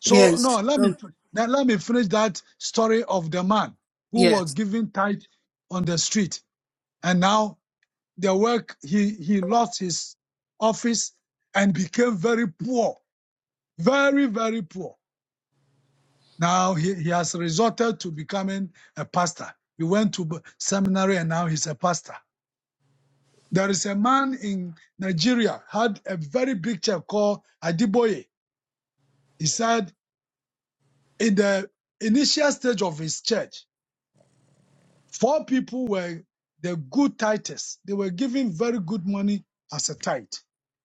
So
Yes.
no, let me
Oh,
now let me finish that story of the man who
Yes,
was given tithe on the street, and now the work he he lost his office and became very poor, very very poor. Now he, he has resorted to becoming a pastor. He went to b- seminary and now he's a pastor. There is a man in Nigeria had a very big church called Adiboye. He said in the initial stage of his church Four people were the good tithes. They were giving very good money as a tithe.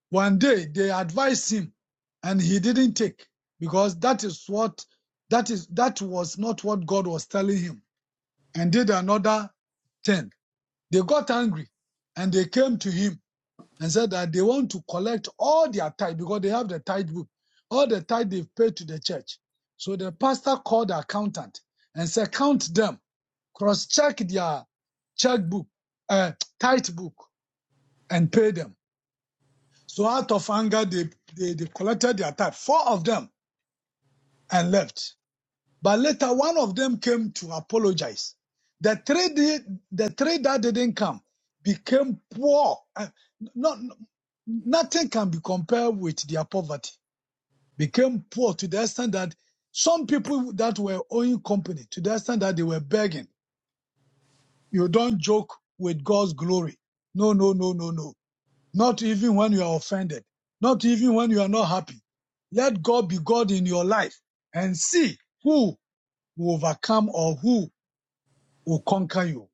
One day they advised him and he didn't take because that is what that is that was not what God was telling him and did another thing. They got angry and they came to him and said that they want to collect all their tithe because they have the tithe book, all the tithe they've paid to the church. So the pastor called the accountant and said, Count them cross-check their checkbook, uh, tight book, and pay them. So out of anger, they, they, they collected their tithe, four of them, and left. But later, one of them came to apologize. The three, di- the three that didn't come became poor. Uh, not, nothing can be compared with their poverty. Became poor to the extent that some people that were owing company, to the extent that they were begging You don't joke with God's glory. No, no, no, no, no. Not even when you are offended. Not even when you are not happy. Let God be God in your life and see who will overcome or who will conquer you.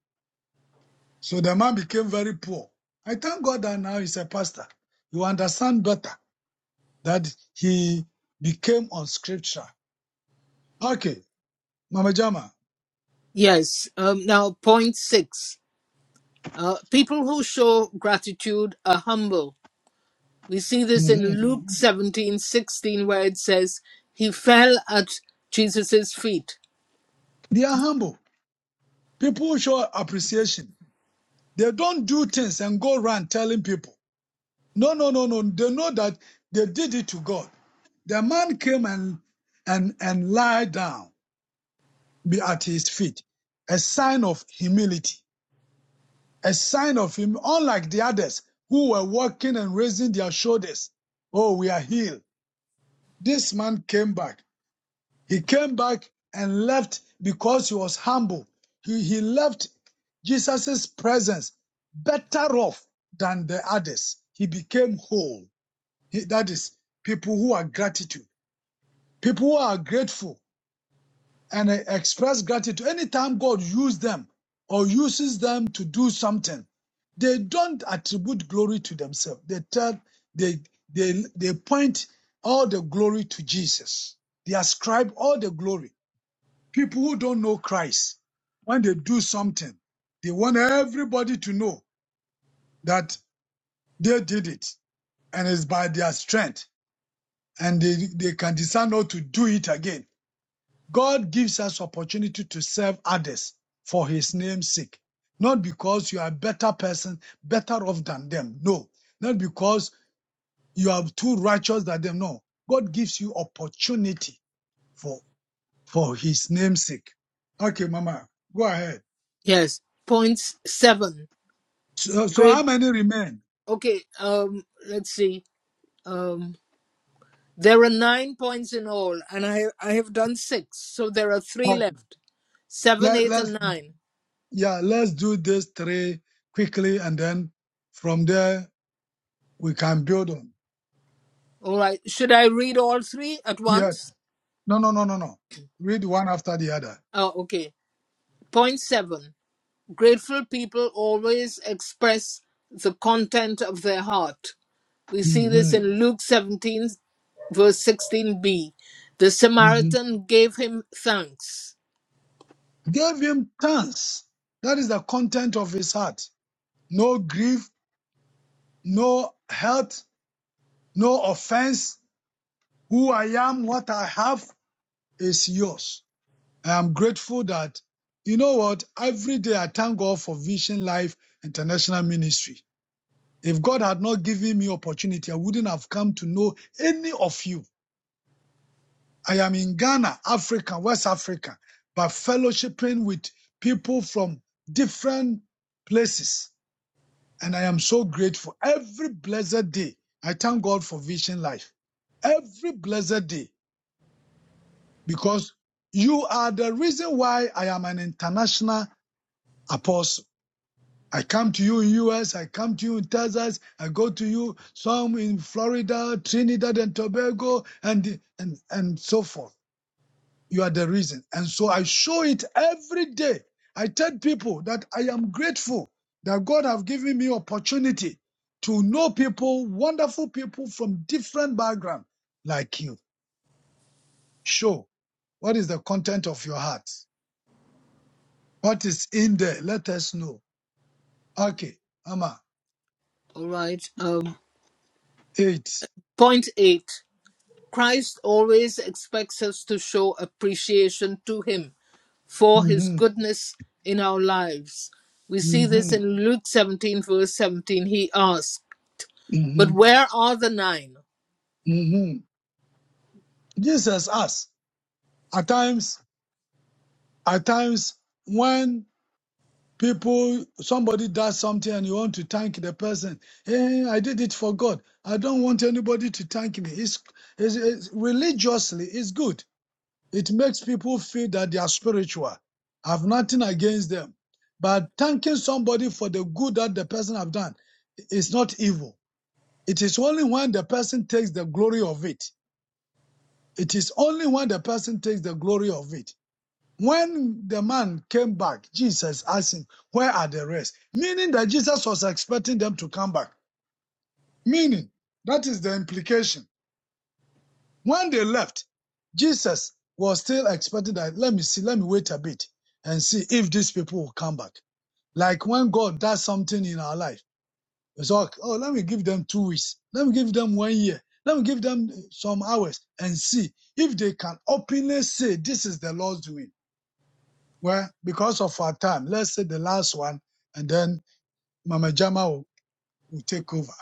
So the man became very poor. I thank God that now he's a pastor. You understand better that he became on scripture. Okay, Mama Jama.
yes. Um, now, point six. Uh, people who show gratitude are humble. We see this in
mhm.
Luke seventeen sixteen, where it says, He fell at Jesus' feet.
They are humble. People show appreciation. They don't do things and go around telling people. No, no, no, no. They know that they did it to God. The man came and and and lied down be at his feet, a sign of humility, a sign of him. Unlike the others who were walking and raising their shoulders, oh, we are healed. This man came back. He came back and left because he was humble. He he left Jesus' presence better off than the others. He became whole. He- that is people who are gratitude People who are grateful and express gratitude, anytime God uses them or uses them to do something, they don't attribute glory to themselves. They tell, they, they, they point all the glory to Jesus. They ascribe all the glory. People who don't know Christ, when they do something, they want everybody to know that they did it and it's by their strength and they, they can decide not to do it again. God gives us opportunity to serve others for his name's sake. Not because you are a better person, better off than them. No. Not because you are too righteous than them. No. God gives you opportunity for, for his name's sake. Okay, Mama, go ahead.
Yes. Point seven.
So, so
Great.
how many remain?
Okay, um, let's see. Um, there are nine points in all, and I, I have done six, so there are three
Okay.
left. Seven,
Let,
eight,
let's,
and nine.
yeah, let's do this three quickly and then from there we can build on.
All right. Should I read all three at
Yes.
once?
No, no, no, no, no. Read one after the other.
Oh, okay. Point seven. Grateful people always express the content of their heart. We see
Mhm.
this in Luke 17, verse 16b. The
Mhm.
Samaritan gave him thanks.
Gave him thanks. That is the content of his heart. No grief, no hurt, no offense. Who I am, what I have is yours. I am grateful that, you know what, every day I thank God for Vision Life International Ministry. If God had not given me opportunity, I wouldn't have come to know any of you. I am in Ghana, Africa, West Africa, but fellowshipping with people from different places And I am so grateful. Every blessed day, I thank God for Vision Life. Every blessed day, because you are the reason why I am an international apostle. I come to you in US, I come to you in Texas, I go to you some in Florida, Trinidad and Tobago, and, and, and so forth. You are the reason. And so I show it every day. I tell people that I am grateful that God have given me opportunity to know people, wonderful people from different background like you. Show what is the content of your heart. What is in there? Let us know. Okay, Amma,
All right. Um,
8
point eight. Christ always expects us to show appreciation to him. for his
Mm-hmm,
goodness in our lives. We see
mm-hmm,
this in Luke 17, verse 17. He asks, But
mm-hmm,
where are the nine?"
mm-hmm. Jesus asked. At times, at times, when People, somebody does something and you want to thank the person. Hey, I did it for God. I don't want anybody to thank me. It's, it's, it's religiously, it's good. It makes people feel that they are spiritual. I have nothing against them. But thanking somebody for the good that the person have done is not evil. It is only when the person takes the glory of it. It is only when the person takes the glory of it. When the man came back, Jesus asked him, Where are the rest? Meaning that Jesus was expecting them to come back. Meaning, that is the implication. When they left, Jesus was still expecting that, let me see, let me wait a bit and see if these people will come back. Like when God does something in our life, it's like, oh, let me give them two weeks, let me give them one year, let me give them some hours and see if they can openly say, This is the Lord's doing Well, because of our time, let's say the last one, and then Mama Jama will, will take over.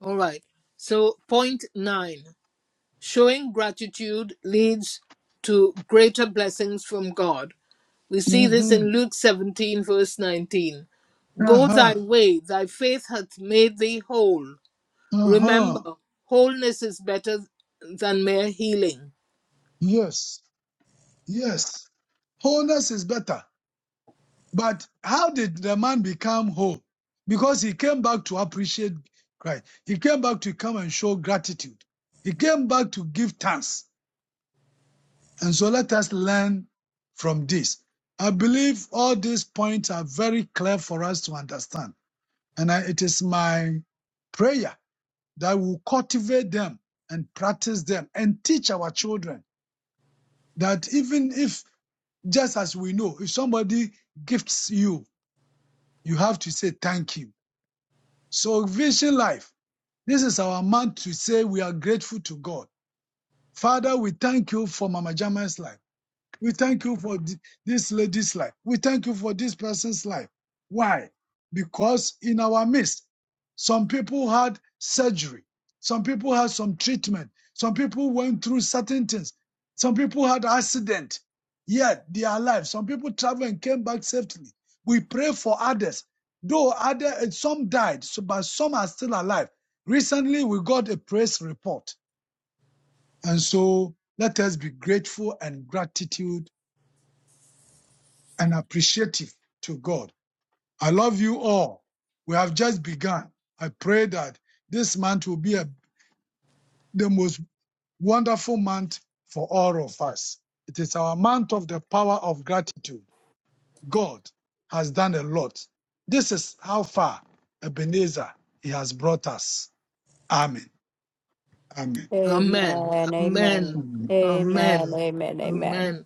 All right. So, point nine showing gratitude leads to greater blessings from God. We see this
hmm
in Luke 17, verse 19. Go thy
Uh-huh.
way, thy faith hath made thee whole. Remember,
Uh-huh.
wholeness is better than mere healing.
Yes. Yes. Wholeness is better. But how did the man become whole? Because he came back to appreciate Christ. He came back to come and show gratitude. He came back to give thanks. And so let us learn from this. I believe all these points are very clear for us to understand. And I, it is my prayer that we will cultivate them and practice them and teach our children that even if, just as we know, if somebody gifts you, you have to say thank you. So, Vision Life, this is our month to say we are grateful to God. Father, we thank you for Mama Jama's life. We thank you for th- this lady's life. We thank you for this person's life. Why? Because in our midst, some people had surgery. Some people had some treatment. Some people went through certain things. Some people had accident. Yet they are alive. Some people traveled and came back safely. We pray for others. Though other eh, some died, so, but some are still alive. Recently, we got a press report, and so let us be grateful and gratitude and appreciative to God. I love you all. We have just begun. I pray that this month will be a, the most wonderful month for all of us. It is our month of the power of gratitude. God has done a lot. This is how far Ebenezer he has brought us. Amen. Amen.
Amen.
Amen.
Amen.
Amen.
Amen.
Amen.
Amen.
Amen. Amen.
Amen.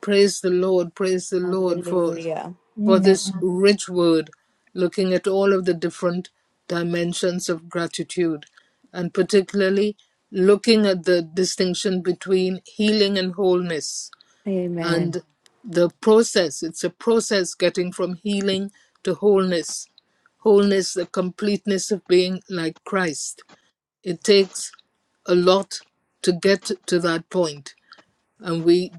Praise the Lord. Praise the Lord for
Hallelujah.
for
Amen.
this rich word, looking at all of the different dimensions of gratitude, and particularly looking at the distinction between healing and wholeness
Amen.
and the process. It's a process getting from healing to wholeness. Wholeness, the completeness of being like Christ it takes a lot to get to that point, and we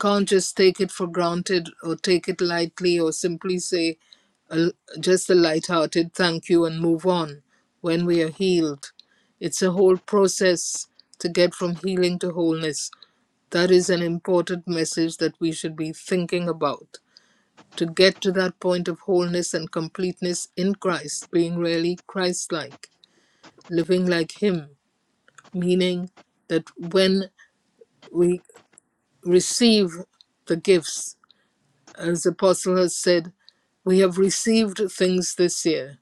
can't just take it for granted or take it lightly or simply say a, just a light-hearted thank you and move on when we are healed. It's a whole process to get from healing to wholeness. That is an important message that we should be thinking about. To get to that point of wholeness and completeness in Christ, being really Christ like, living like Him. meaning that when we receive the gifts, as the apostle has said, we have received things this year.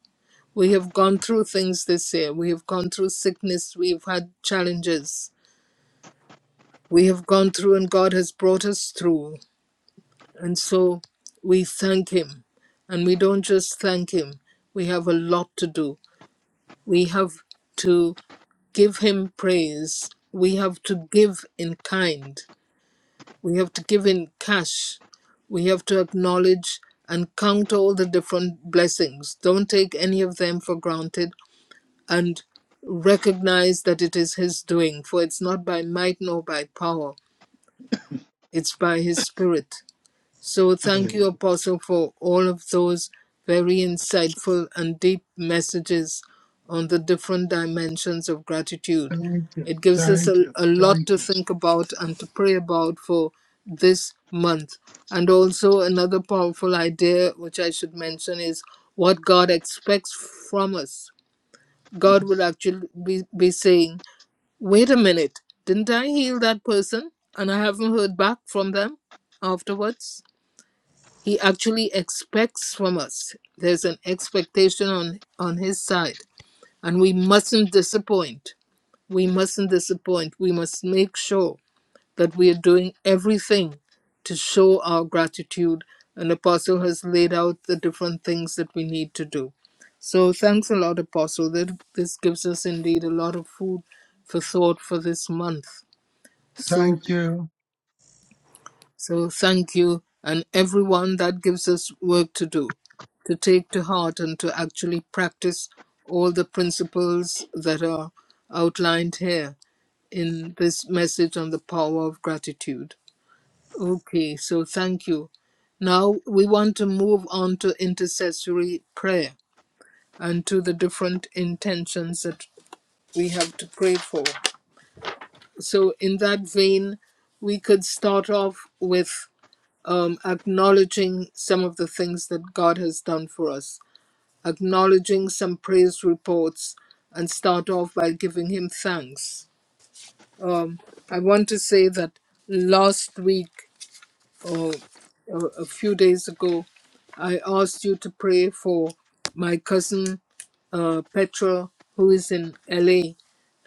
We have gone through things this year. We have gone through sickness. We've had challenges. We have gone through, and God has brought us through. And so we thank Him. And we don't just thank Him, we have a lot to do. We have to give Him praise. We have to give in kind We have to give in cash. We have to acknowledge and count all the different blessings. Don't take any of them for granted and recognize that it is His doing, for it's not by might nor by power, it's by His Spirit. So thank you, Apostle, for all of those very insightful and deep messages on the different dimensions of gratitude.
Hallelujah.
It gives us
Thank you. Thank
a,
you.
a lot
Thank
to
you.
think about and to pray about for this month. And also, another powerful idea which I should mention is what God expects from us. God would actually be, be saying, Wait a minute, didn't I heal that person? And I haven't heard back from them afterwards he actually expects from us. There's an expectation on, on his side, and we mustn't disappoint. We mustn't disappoint. We must make sure that we are doing everything to show our gratitude. And Apostle has laid out the different things that we need to do. So thanks a lot, Apostle. That this gives us indeed a lot of food for thought for this month. So
Thank you.
so thank you and everyone that gives us work to do, to take to heart and to actually practice all the principles that are outlined here in this message on the power of gratitude. Okay, so thank you. Now we want to move on to intercessory prayer and to the different intentions that we have to pray for. So, in that vein, we could start off with um, acknowledging some of the things that God has done for us, acknowledging some praise reports, and start off by giving Him thanks. I want to say that last week or a a few days ago, I asked you to pray for my cousin uh, Petra, who is in LA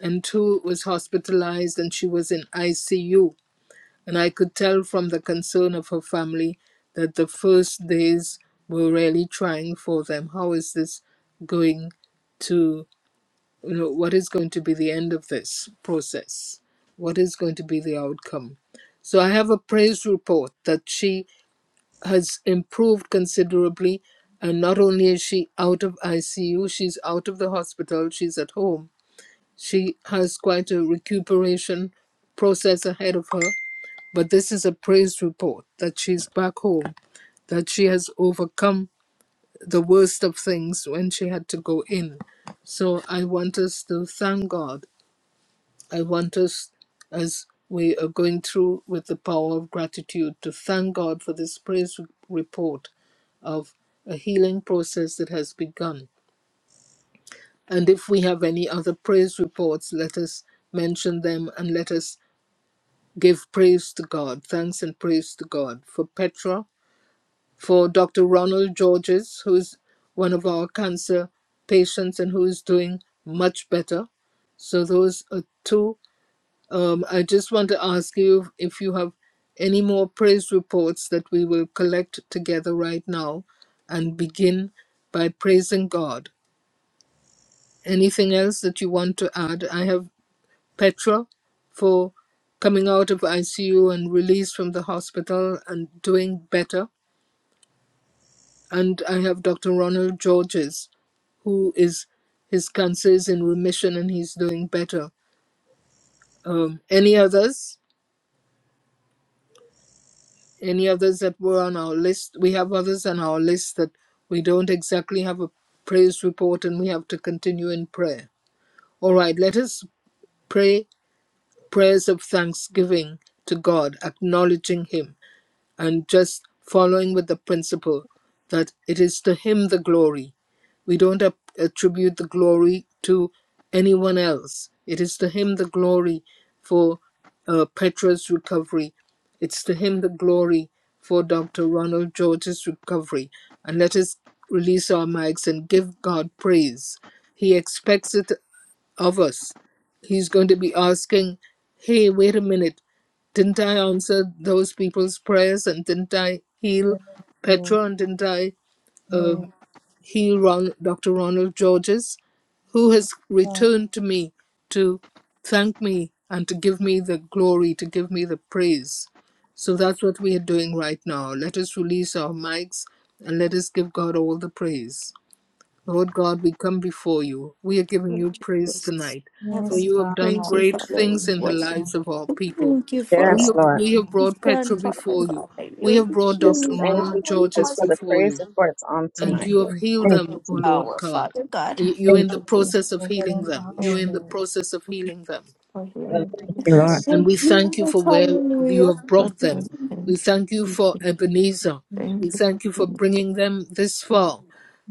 and who was hospitalized, and she was in ICU and I could tell from the concern of her family that the first days were really trying for them. How is this going to, you know, what is going to be the end of this process? What is going to be the outcome? So I have a praise report that she has improved considerably. And not only is she out of ICU, she's out of the hospital, she's at home. She has quite a recuperation process ahead of her but this is a praise report that she's back home, that she has overcome the worst of things when she had to go in. So I want us to thank God. I want us, as we are going through with the power of gratitude, to thank God for this praise report of a healing process that has begun. And if we have any other praise reports, let us mention them and let us give praise to God, thanks and praise to God. For Petra, for Dr. Ronald Georges, who's one of our cancer patients and who's doing much better. So those are two. Um, I just want to ask you if you have any more praise reports that we will collect together right now and begin by praising God. Anything else that you want to add? I have Petra for coming out of ICU and released from the hospital and doing better. And I have Dr. Ronald Georges, who is his cancer is in remission and he's doing better. Um, any others? Any others that were on our list? We have others on our list that we don't exactly have a praise report and we have to continue in prayer. All right, let us pray prayers of thanksgiving to God, acknowledging Him. and just following with the principle that it is to him the glory. We don't attribute the glory to anyone else. It is to him the glory for uh, Petra's recovery. It's to him the glory for Dr. Ronald George's recovery. And let us release our mics and give God praise. He expects it of us. He's going to be asking, hey, wait a minute, didn't I answer those people's prayers and didn't I heal
Yes, yes,
Petra and didn't I
yes,
um, heal Ron- Dr. Ronald Georges, who has
God.
returned to me to thank me and to give me the glory, to give me the praise? So that's what we are doing right now. Let us release our mics and let us give God all the praise. Lord God, we come before you. We are giving
Lord
you praise
Jesus,
tonight, for
heaven,
Yes,
you
we
have
God.
done
praise you,
great
Father. We
things in the
Worship.
lives of our
you.
people.
Thank you for
We
Yes,
have,
all
Lord.
we have
you've
brought
done,
Petra
Father
before you.
God. That
We
you're
have
the
brought
Just
Dr.
king,
thank you,
Ronald
power,
Jesus,
Georges
for the
causes,
before
praise
you,
reports on
Thank
and
you,
tonight,
you have
Lord.
Jesus.
healed
Thank you,
them, O
Jesus.
Lord God.
Father God.
Thank
You-
you,
You're
Thank
in
you,
the
Lord.
Jesus.
process of
For that
healing
and
them. You're
power,
you
in the
Lord.
process of healing them.
for
Thank
Thank
healing.
you,
Thank
Jesus.
you,
you
we
Lord.
Thank
And
Thank
we
you,
thank you for
yes,
where you
hallelujah.
have
for
brought them.
healing.
We
Thank
thank you
you.
for Ebenezer.
you,
Thank
We
you
Jesus.
for
thank you for
healing.
bringing them this far.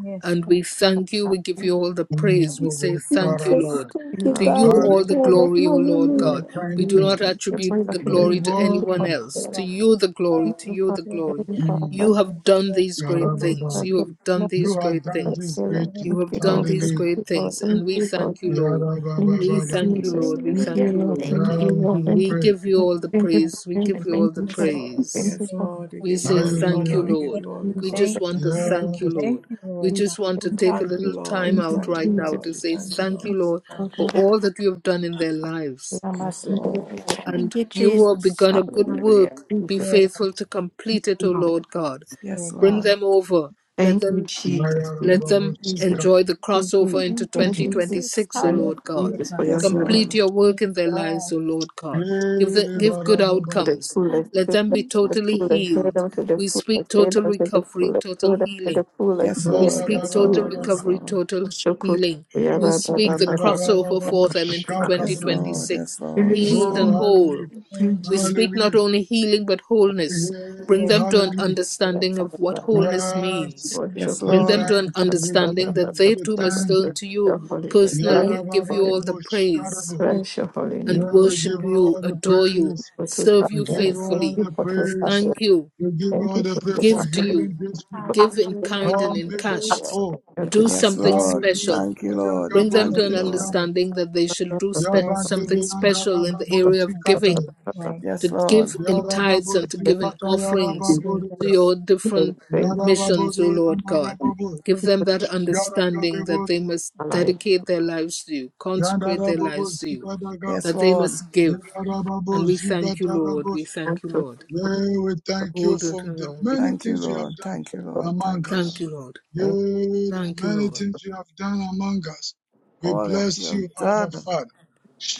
Yes,
And
God.
we thank you. We give
Thank
you all the praise. We say thank you,
Jesus,
Lord.
thank
you
you,
To
Lord.
you,
God in
all the
Hallelujah.
heaven,
glory, O Lord
Yes,
hallelujah.
We're
God.
Thank you for your
We
trying
do
to
God.
healing.
not
Thank you
Thank
attribute the
you,
glory
give
to
all of
anyone
for
it.
else.
healing.
To
Father.
you, the glory.
Thank
To
you
you,
for
the
Yes,
glory.
healing
thank
for our
Mm.
you.
You
body.
have done these great
Thank you
things.
for
Yarababa.
healing.
You have done
Thank
these
you
You have
great
done
for
this
things.
healing.
great
Yes,
things.
You
Thank
have
you,
yes,
done
yes,
Lord.
these
Thank
Hallelujah.
great
you, Lord.
things. And
Thank
we
you, Lord.
thank you,
yes,
Lord.
Thank
We
you,
Yarababa.
thank you,
Jesus.
Lord. We
Thank you,
thank
Hallelujah,
you,
Lord.
Lord.
thank
Thank
you.
Yeah,
you,
we
Lord.
give you
Thank
We
you.
praise.
give you all the
Thank
yes.
you for
praise. We give
healing.
you all
Thank
the
you
Yes,
for.
Lord.
Thank
praise.
you
Yes,
for.
Amen.
Lord. We
We
give you
say,
all the
Thank
honor.
Hallelujah.
you,
We give
Thank
Lord.
you all the
you,
We
Jesus.
just
thank
glory.
want
you,
to
thank
thank
you,
you,
Yes.
thank
Lord.
you,
We
Lord
We
God.
just want to
We
thank
take
you,
a
thank you,
Jesus.
little
Lord.
time
We
Thank
out
you,
thank
right
you,
now
Jesus.
Lord.
to
We
say,
thank you,
Amen.
Thank
Lord.
you,
Yes,
Lord,
Lord,
for
Lord, Lord,
all that you have done in their
we
lives.
are not
Yes,
in the
Lord.
way. Lord.
And
Thank you,
you who have
Jesus,
begun a good
Thank you,
hallelujah.
work. Be
Jesus.
Yes,
faithful to
Yes,
complete it, O
Lord.
Lord God.
Yes,
Lord
Bring
God.
Lord.
them over. Let
Thank you,
them
Jesus. Thank
let
you,
Yarababa.
them
Jesus.
Shika.
enjoy the
Thank you, Jesus.
crossover
Thank
into
you,
Thank you, Jesus.
Jesus.
2026, O
Yes,
Thank
Lord
you,
God.
Hallelujah.
Lord
Jesus, for
God.
your
Yes,
healing.
Complete
Lord.
your
Yes,
work in their lives,
God.
O Lord God. Give, the,
Ele
To
give good
barababa.
the
outcomes.
Thank
fullest,
Let
fill
them
them
be
you,
to the
Jesus.
totally
fullest, fill
healed.
them to the
We speak
fullest, fill them to
total
the
recovery,
fullest,
total
fill them to
healing.
the fullest,
Yes,
fill
We
them
Lord.
speak
to the
Yes,
total
fullest.
Lord.
Barababa.
Yes,
recovery,
Lord.
total
Shukut,
healing.
we are
We
ba-
Yes,
ba-
speak
ba-
the
Ele
ba- ba- ba-
crossover
ba-
for
barababa.
them
ba-
into
ba- ba.
thank
Shaka
you.
Yes,
brother.
Lord. Yes,
2026,
Lord.
Thank
Yes,
healed
Oh,
and
Lord.
whole
hallelujah.
you,
Amen.
we
Jesus.
speak not
Hallelujah.
only healing but wholeness. Bring
Yeah,
Yes,
them to an
Lord.
hallelujah.
understanding
Worship
of what wholeness
God.
Yes,
means.
Yes,
of
we
Bring them
Lord.
to
thank
an
you, we
understanding
thank
that
you,
they
we
too must
thank
turn
you.
to you
holy name,
personally
blind,
and give you all the praise
Yarababababusharabo.
bless your holy
and
Yeah,
name.
we
worship
give
you,
all the
adore you,
praise,
Thank you
serve
we
you
for
give
to Thank
all
faithfully,
you
the
for to
praise,
thank you,
we give
Thank
all
you
the praise for
for
give to you,
healing this people.
give in
Hallelujah. Hallelujah.
kind and
Lord,
in
make them
cash.
to
whole.
Thank
Your
you,
Do
grace.
Yes,
Father.
something
Lord. We
Hallelujah.
special.
thank you, Lord. We
Bring them
Bayagabos,
thank
Yes,
to
you,
an
God.
Lord.
Vidiyara.
understanding that they should do spe-
Yes, Jesus.
something
Yabandede and
special in the
Arababo,
area of giving
Zikataya.
Right.
Yes,
to give
Lord.
in tithes
Yarababo,
and to give in
Zikataya,
Yes,
offerings
Rababo,
to
Jesus.
your
Thank you.
different
Thank
missions,
Yarababodo,
O Lord God.
you.
Yamarababo.
Give them that understanding that
Yarababo,
they must
Alive.
dedicate their lives to you,
Yes,
consecrate their lives to you,
Yandarababozigadagaba,
Yes,
that they
Lord.
must give. And we thank you, Lord.
Yandarababozigadarabos.
We
Thank
thank you,
you.
Lord.
Yea, we thank you
Hold it
for the
along.
Thank you.
many
Thank you,
things you
Lord.
have done
Thank you, Lord.
among
Thank you,
Thank
Lord.
us.
you, Lord.
Yea,
Thank
the
Thank you,
many
Lord.
things you have done among us. We
All that you
bless you,
have
Abba
done,
Father.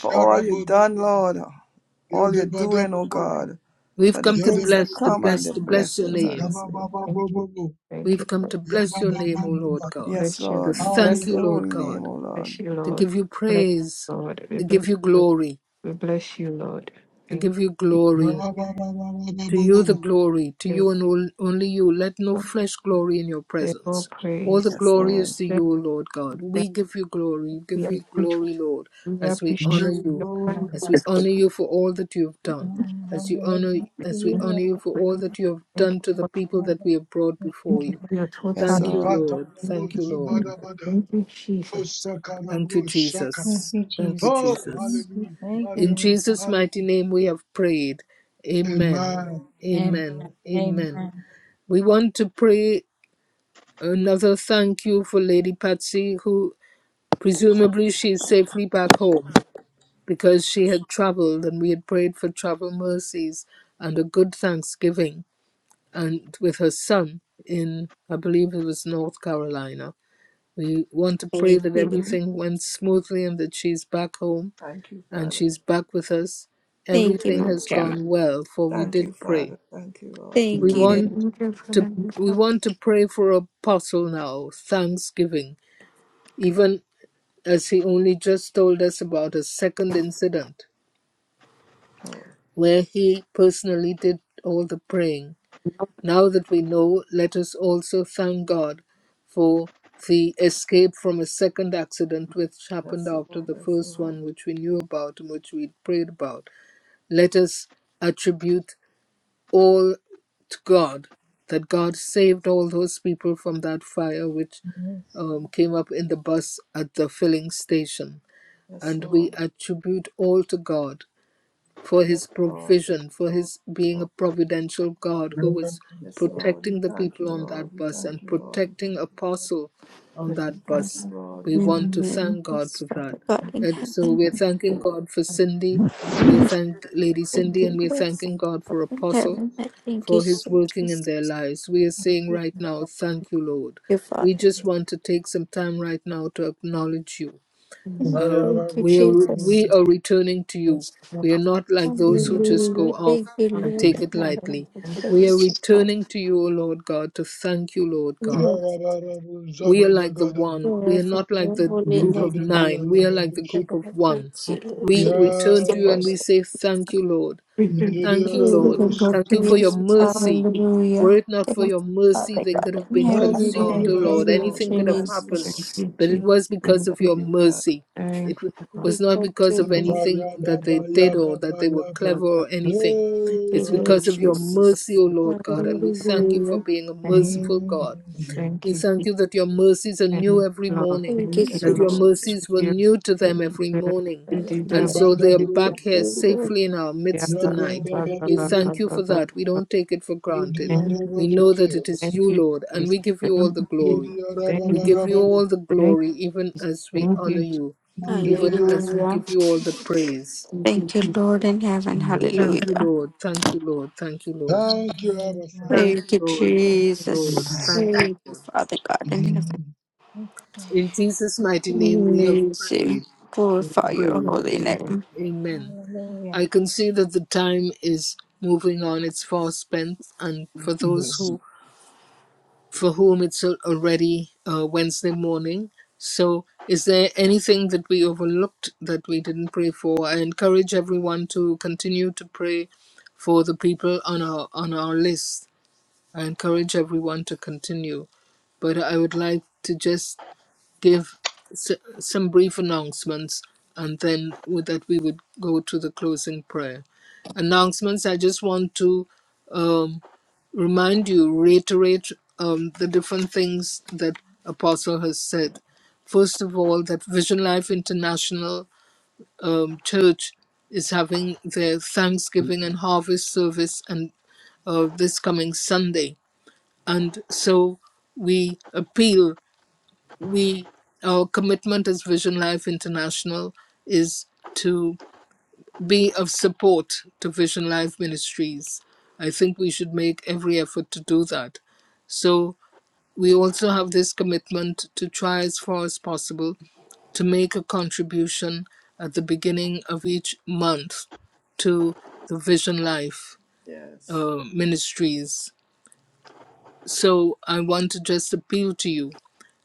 for all you've done, Lord. all you're doing, oh
Yodebadabobodo,
God,
We've
for the
come to
things that
bless, to
come and
bless,
the
to
Yodebodiyodaka,
bless your
blessings
you.
on
name.
this way.
Yababababobobo,
Thank you.
We've come to bless your
Thank you.
name, O Lord
Yabababababa.
God.
Yes,
Bless you.
To
Lord. We
thank
bless
you,
your
Hallelujah.
holy
Lord
name,
God.
oh Lord.
Bless you,
To
Lord.
give you
Bless
praise.
you, Lord. We
To
bless
give you
you.
glory
We bless you, Lord.
to
Thank
give you
you.
glory. To you the
Yabababababobobo.
glory, to
Give
you and only you. Let no
you
flesh glory in your
Take all
presence. All the
praise.
Yes,
glory
Lord.
is to you,
Thank
O
you
Lord God.
that
We give you glory. We give
We are
you
Jesus.
grateful.
glory, Lord,
We
as we
We
honor
give
appreciate
you
you,
your
glory.
Amen.
as we
kindness.
honor you for all that you have
Thank
done, as you
Amen.
honor,
Thank
as we
you,
you.
honor
Lord.
you for
God.
all
This is
that you have
Thank you
done to the
for
people
my
that
heart.
we have brought
Yes,
before
thank
Father
you
you.
God.
for your
Yes,
total.
Thank you,
Lord.
Lord.
Thank
Thank you, Lord.
you,
Ikatarabozubadabada,
Thank you, Jesus.
Thank you,
osakaraboshakata.
Thank
Jesus.
you,
Thank you,
Oh,
Jesus. Thank
Jesus.
you,
hallelujah,
thank you,
In
Lord.
hallelujah,
God.
Jesus'
hallelujah.
mighty name we have prayed. Amen.
Amen.
Amen.
Amen. Amen.
Amen.
We want to pray another thank you for Lady Patsy, who presumably she is safely back home because she had traveled and we had prayed for travel mercies and a good Thanksgiving and with her son in, I believe it was North Carolina. We want to pray
Thank
that
you.
everything went smoothly and that she's back home
Thank you,
and
Father.
she's back with us.
Thank you,
Everything
Mama
has
Gemma.
gone well, for we
Thank you,
did pray.
Father. Thank you, Lord. Thank
We
Thank you.
want
Thank you for the
to
new
we
Jesus.
want to pray for Apostle now, thanksgiving, even as he only just told us about a second incident
you, Lord.
where he personally did all the praying. Now that we know, let us also thank God for the escape from a second accident which happened
Yes,
after
Lord.
the
Yes,
first
Lord.
one, which we knew about and which we prayed about. Let us attribute all to God, that God saved all those people from that fire which
Yes,
um, came up in the bus at the filling station.
Yes,
And we
Lord.
attribute all to God for
Yes,
his
Lord. Yes,
provision, for
Lord.
his being a
Lord.
providential God who was
Yes, Lord. We
protecting the
thank you,
people on
Lord.
that
We
bus
thank
and
you, Lord. We
protecting
thank you, Lord.
Apostle on
We
that
thank you,
bus.
Lord.
We
We thank
want to
you, Lord.
Amen.
thank God
Yes,
for that.
Father God in
And so
heaven.
we're thanking God for Cindy, and
Jesus,
we thank Lady
Thank
Cindy, and
you,
we're
Lord Son
thanking God for
in
Apostle
heaven. I thank you,
for his
so
working in
Jesus.
their
Thank
lives. We are
thank
saying
you,
right now, thank you, Lord.
you, Father.
We just want to take some time right now to acknowledge you.
please.
And I
Uh,
Thank you,
we are
Jesus.
we are returning to you.
let's
We
help
are
us
not like those who just go
Hallelujah.
off
Thank you,
out.
and
Lord
take it
in
And
heaven.
lightly.
I
Thank you, for
We are
Praise you, Father.
returning to you, O Lord God, to thank you, Lord
We
our
God.
want to
We are like the
Yarabarabuzagadagadaga,
one. We are
glorify
not like
your
the
holy
group
name,
of
Father.
nine. We are like the
I
yindididiyarababushi,
group
will
of one.
praise
God.
you,
We
Jesus.
return to
Your
you and we
yarabaka,
worship.
say, Thank you, Lord.
We thank
Thank
you
you,
We
so
Lord.
give you
yindidiyarabushaka.
Thank you for your mercy. Were
Hallelujah.
it not
Thank
for
you,
your mercy,
Father
they could
God
have
in
been
Yes,
heaven.
consumed, O
Thank
Lord.
much.
Hallelujah,
you,
Yes,
Lord.
Lord
Lord.
Anything
hallelujah.
We
could have
thank you,
happened,
Lord.
Thank
Jesus.
you,
but it
Jesus.
was because
Thank
of
Thank
you.
your
you, Father.
mercy. It
Thank
w-
you, Lord.
We
was not
thank
because
you,
of
Lord.
anything that
Thank
Nkayababa,
they
you,
did or
yababa,
that they were
yaba.
clever or
No,
anything.
Thank
It's
you, Lord
because of
hallelujah.
your mercy,
Jesus.
O Lord God, and we thank you for
Hallelujah.
being a
Thank
merciful
you, Abba
God.
thank
We
you,
thank you that your mercies are
thank
new
you,
every
Lord,
morning,
Thank you,
thank you,
Yes,
that
sweet
Lord.
your
Lord.
Jesus.
mercies were
You
new to
Thank
them
you
you,
every
deserve it,
morning.
you
God in
And
deserve
heaven.
so they are
it.
back
Thank
here
you, Lord.
safely in our
Yeah,
midst
Yes,
ba,
Lord.
tonight.
ba, ba,
We
ba, ba,
thank you
ba,
for
ba,
that. We
ba.
don't take it for granted.
Thank you,
We
Jesus.
know that it is
thank
you,
you,
Lord, and we
Jesus.
give you
thank
all the
you, Jesus.
glory. We
thank you,
give you
Jesus.
all the
thank
glory, even
you, Jesus.
as we
thank
God.
honor
you,
you, even as we
Hallelujah.
give you all the praise.
Jesus.
Thank you, Lord in heaven.
Thank you,
Hallelujah.
Lord. Thank you, Lord. Thank you, Lord.
Father.
Hallelujah.
Thank
Thank
you,
you,
Lord. Thank you, Lord.
Jesus.
Mm,
Thank
Thank you,
you, Lord.
Father God in heaven.
mm,
Thank you.
In Jesus' mighty name, we have
Praise you.
prayed. We
Glorify
have
your
prayed.
holy
Amen.
name.
Amen. I
Hallelujah.
can see that the time is moving on. It's far spent, and for those
Yes.
who, for whom it's al- already uh, Wednesday morning. So, is there anything that we overlooked that we didn't pray for? I encourage everyone to continue to pray for the people on our on our list. I encourage everyone to continue but I would like to just give s- some brief announcements, and then with that we would go to the closing prayer. Announcements, I just want to um, remind you, reiterate um, the different things that Apostle has said. First of all, that Vision Life International um, Church is having their
Amen.
Thanksgiving and Harvest service and uh, this coming Sunday. And so we appeal we our commitment as Vision Life International is to be of support to Vision Life Ministries. I think we should make every effort to do that. So we also have this commitment to try as far as possible to make a contribution at the beginning of each month to the Vision Life
Yes.
uh, Ministries. So I want to just appeal to you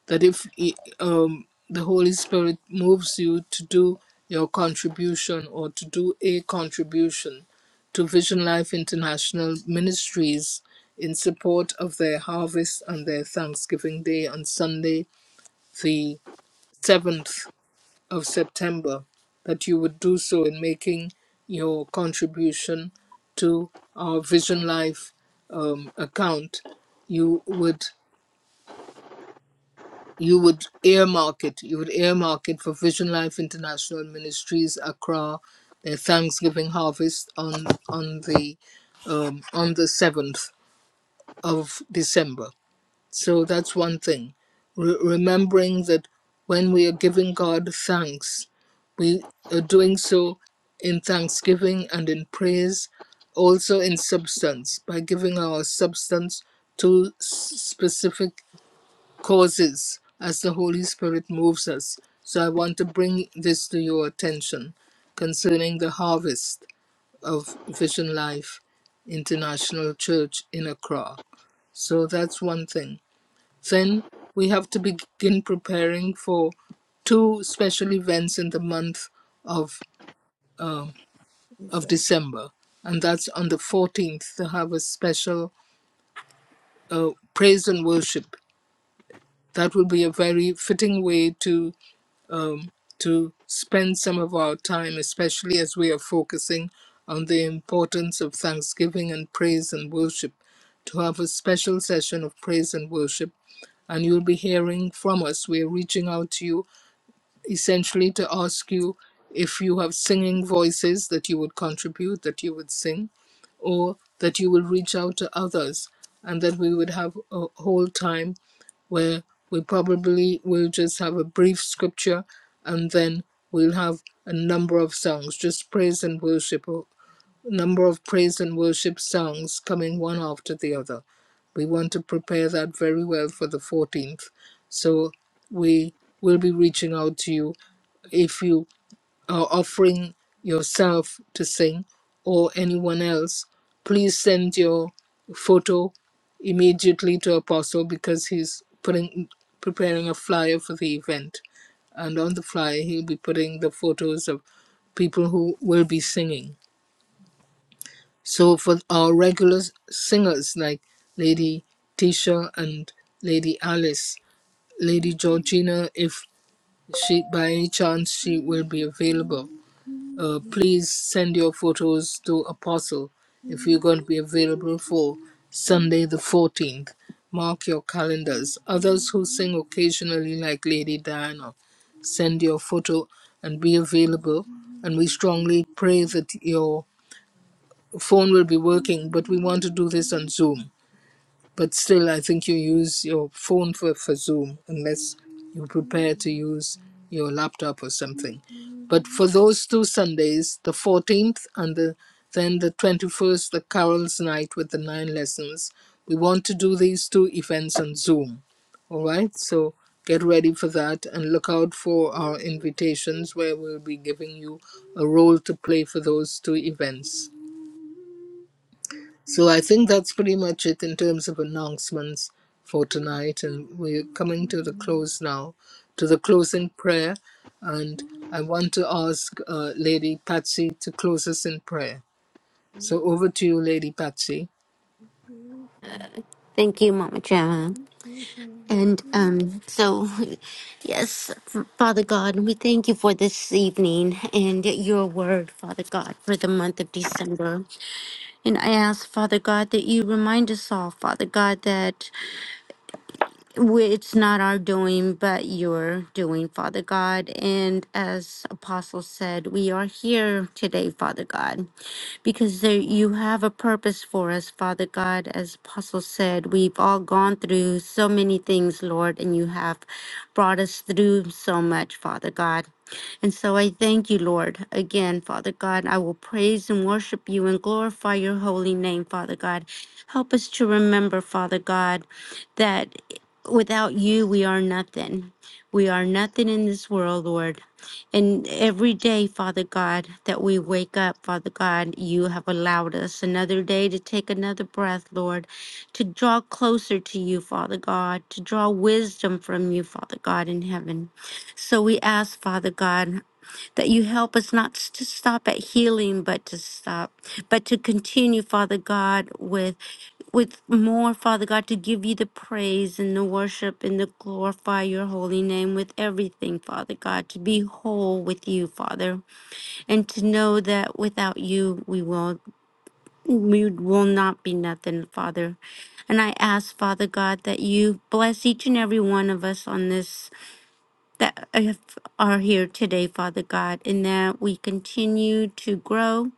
that if he- um, the Holy Spirit moves you to do your contribution or to do a contribution to Vision Life International Ministries in support of their harvest and their Thanksgiving Day on Sunday, the 7th of September, that you would do so in making your contribution to our Vision Life um, account. You would you would earmark it. You would earmark it for Vision Life International Ministries Accra, their Thanksgiving harvest on on the um, on the seventh of December. So that's one thing. Re- remembering that when we are giving God thanks, we are doing so in thanksgiving and in praise, also in substance by giving our substance to s- specific causes as the Holy Spirit moves us. So I want to bring this to your attention concerning the harvest of Vision Life International Church in Accra. So that's one thing. Then we have to begin preparing for two special events in the month of uh,
He
of
said,
December, and that's on the 14th to have a special uh, praise and worship. That will be a very fitting way to um, to spend some of our time, especially as we are focusing on the importance of thanksgiving and praise and worship, to have a special session of praise and worship. And you'll be hearing from us. We're reaching out to you essentially to ask you if you have singing voices that you would contribute, that you would sing, or that you will reach out to others, and that we would have a whole time where we probably will just have a brief scripture and then we'll have a number of songs, just praise and worship, a number of praise and worship songs coming one after the other. We want to prepare that very well for the 14th. So we will be reaching out to you if you are offering yourself to sing or anyone else, please send your photo immediately to Apostle because he's putting preparing a flyer for the event. And on the flyer, he'll be putting the photos of people who will be singing. So for our regular singers like Lady Tisha and Lady Alice, Lady Georgina, if she by any chance she will be available Uh, please send your photos to Apostle if you're going to be available for Sunday the 14th. Mark your calendars. Others who sing occasionally, like Lady Diana, send your photo and be available. And we strongly pray that your phone will be working, but we want to do this on Zoom. But still, I think you use your phone for, for Zoom unless you prepare to use your laptop or something. But for those two Sundays, the 14th and the, then the 21st, the Carol's Night with the nine lessons, we want to do these two events on Zoom. All right, so get ready for that and look out for our invitations where we'll be giving you a role to play for those two events. So I think that's pretty much it in terms of announcements for tonight. And we're coming to the close now, to the closing prayer. And I want to ask uh, Lady Patsy to close us in prayer. So over to you, Lady Patsy.
Thank you, Mama Gemma. And um, so, yes, Father God, we thank you for this evening and your word, Father God, for the month of December. And I ask, Father God, that you remind us all, Father God, that. we- it's not our doing, but your doing, Father God. And as Apostle said, we are here today, Father God, because there, you have a purpose for us, Father God. As Apostle said, we've all gone through so many things, Lord, and you have brought us through so much, Father God. And so I thank you, Lord, again, Father God. I will praise and worship you and glorify your holy name, Father God. Help us to remember, Father God, that without you, we are nothing. We are nothing in this world, Lord. And every day, Father God, that we wake up, Father God, you have allowed us another day to take another breath, Lord, to draw closer to you, Father God, to draw wisdom from you, Father God, in heaven. So we ask, Father God, that you help us not to stop at healing, but to stop, but to continue, Father God, with with more, Father God, to give you the praise and the worship and to glorify your holy name with everything, Father God, to be whole with you, Father, and to know that without you we will we will not be nothing, Father. And I ask, Father God, that you bless each and every one of us on this that have- are here today, Father God, and that we continue to grow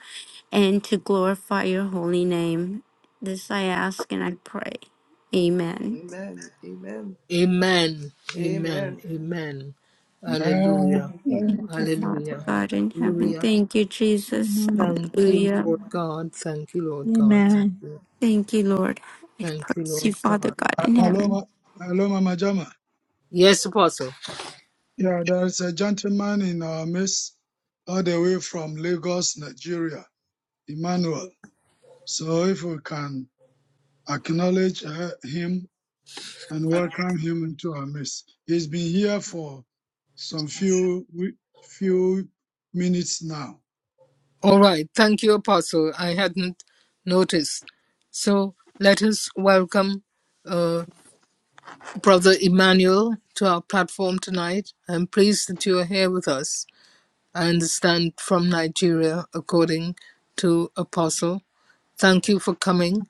and to glorify your holy name. This I ask and I pray. Amen.
Amen. Amen.
Amen. Amen.
Amen.
Amen. Hallelujah.
Amen.
Thank you, Father
Hallelujah.
Amen.
God in heaven.
Hallelujah.
Thank you, Jesus.
Amen.
Thank you,
Hallelujah.
Lord God. Thank you, Lord God. Thank
Amen.
you.
Thank you, Lord. I
Thank you,
praise you,
Lord
Father
God.
God
A-
in heaven.
Aloma, Aloma Majama.
Yes, Apostle.
Yeah, there's a gentleman in our midst, all the way from Lagos, Nigeria, Emmanuel. So if we can acknowledge her- him and welcome him into our midst. He's been here for some few we- few minutes now.
All right. Thank you, Apostle. I hadn't noticed. So let us welcome uh, Brother Emmanuel to our platform tonight. I'm pleased that you are here with us. I understand from Nigeria, according to Apostle. Thank you for coming.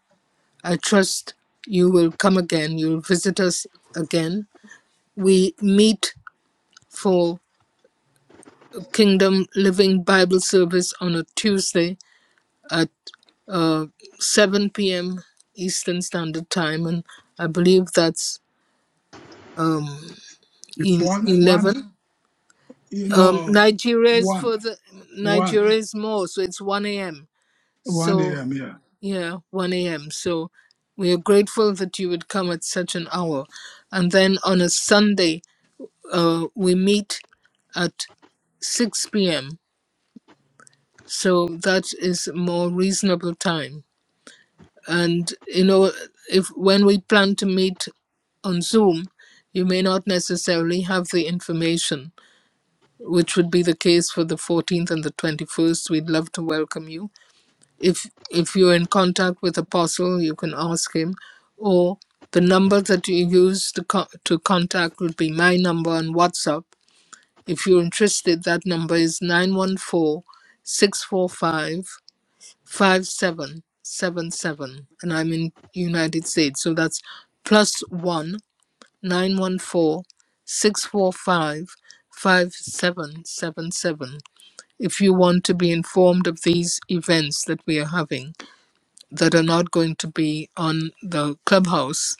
I trust you will come again. You'll visit us again. We meet for Kingdom Living Bible Service on a Tuesday at. uh, 7 p.m. Eastern Standard Time, and I believe that's um,
It's
el-
one one
11.
you
Um,
know
Nigeria is
one
further.
one
Nigeria is more, so it's 1 a.m.
one
So
a.m. here.
yeah, 1 a.m. So we are grateful that you would come at such an hour, and then on a Sunday uh, we meet at 6 p.m. So that is a more reasonable time. and you know if when we plan to meet on zoom you may not necessarily have the information which would be the case for the 14th and the 21st we'd love to welcome you if if you're in contact with apostle you can ask him or the number that you use to, co- to contact would be my number on whatsapp if you're interested that number is 914 645. 5777 and I'm in United States. So that's plus one 914 645 5777. if you want to be informed of these events that we are having that are not going to be on the clubhouse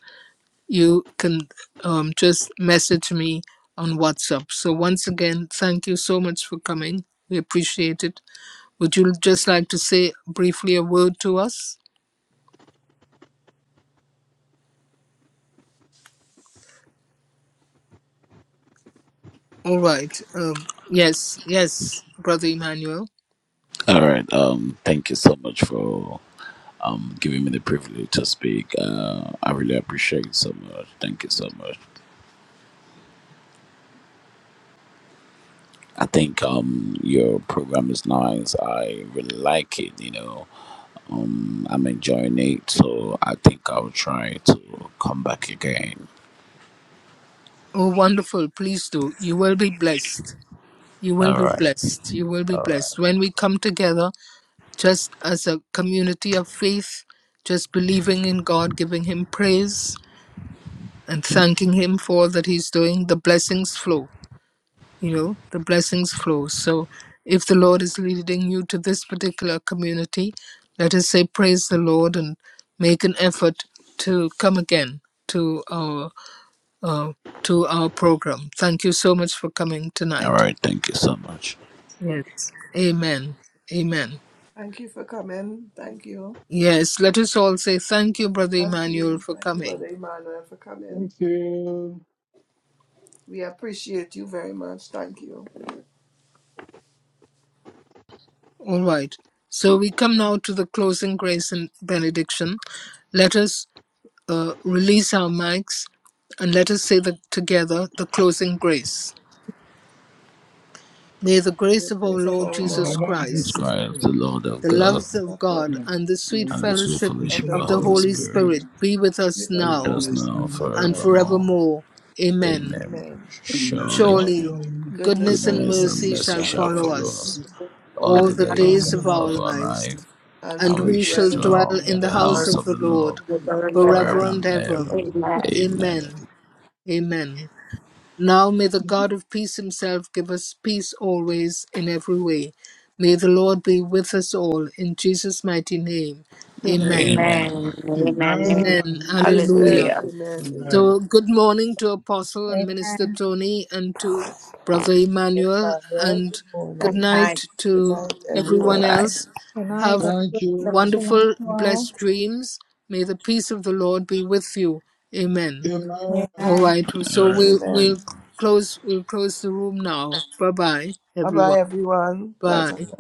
you can um, just message me on whatsapp so once again thank you so much for coming we appreciate it would you just like to say briefly a word to us All right. Um, yes, yes, Brother Emmanuel.
All right. Um, thank you so much for um giving me the privilege to speak. Uh, I really appreciate it so much. Thank you so much. I think um your program is nice. I really like it. You know, um, I'm enjoying it. So I think I'll try to come back again.
Oh, wonderful. Please do. You will be blessed. You will
All
be
right.
blessed. You will be
All right.
blessed. When we come together, just as a community of faith, just believing in God, giving Him praise, and thanking Him for all that He's doing, the blessings flow. You know, the blessings flow. So if the Lord is leading you to this particular community, let us say, Praise the Lord and make an effort to come again to our uh, to our program. Thank you so much for coming
All
tonight.
right. Thank you so much.
Yes. Amen. Amen.
Thank you for coming. Thank you.
Yes, let us all say thank you, Brother
Thank
Emmanuel,
you.
for
Thank you,
coming.
Brother Emmanuel, for coming.
Thank you.
We appreciate you very much. Thank you.
All right. So we come now to the closing grace and benediction. Let us uh, release our mics and let us say the, together the closing grace. May the
The
grace of our
grace of
Lord
our
In the
Jesus
Lord
name of
Praise
Jesus
Jesus
Christ,
Christ,
Christ, the
Christ.
Lord of
the
God,
loves of
of the,
God,
Yes,
and the sweet
yes,
and the sweet
fellowship
the
of
fellowship of
the
the
of the
fellowship
Holy
Holy
Holy
of the Holy
Spirit
Spirit
Spirit,
be with us
with us
be with
now
Spirit
us
now
is
now and
now
and
and
and
forever.
forevermore.
forever.
forevermore. Amen.
Amen.
Amen.
And, uh,
Surely.
Surely
Surely
surely
goodness
goodness and
and
Goodness and
mercy
mercy
goodness
mercy
and
shall
shall
shall
mercy
follow
follow
us
shall
follow
us
us
follow
all
all
all
the
the
the
all
days
days
days
of
the
of
of
our
our
our
days
life,
life,
lives,
and we
and
and
will
we
we
shall
shall
dwell in the
dwell
dwell
house
of
in
in the
the
of
the
the Lord
house
Lord,
house
of
of the
the
Lord
Lord
you
forever.
forever
forever
remember.
and
and
and ever.
ever.
ever.
Lord
Amen.
Amen.
Amen.
Amen. Amen. Now may the
Amen.
God of peace himself give us peace always in every way. May the Lord be with us all in Jesus' mighty name. Amen.
Amen.
Amen. Amen. Amen.
Amen. Hallelujah.
Hallelujah.
Amen.
Amen.
So,
Amen.
good morning to Apostle and Minister
Amen.
Tony and to Brother Emmanuel,
Amen. Well,
and
good
good
Good
morning.
night
night.
Good
to
night,
everyone
everyone.
Bye.
else.
Can I
Have
that the
Thank
grace of
you.
the
wonderful,
Lord all?
blessed dreams. May the peace of the Lord be with you. Amen.
Amen.
All
Amen.
right.
All
So
right.
we
Thank you.
we'll
Amen.
close we'll close the room now. Bye bye,
Bye bye,
everyone.
everyone. Pleasant
Bye.
night.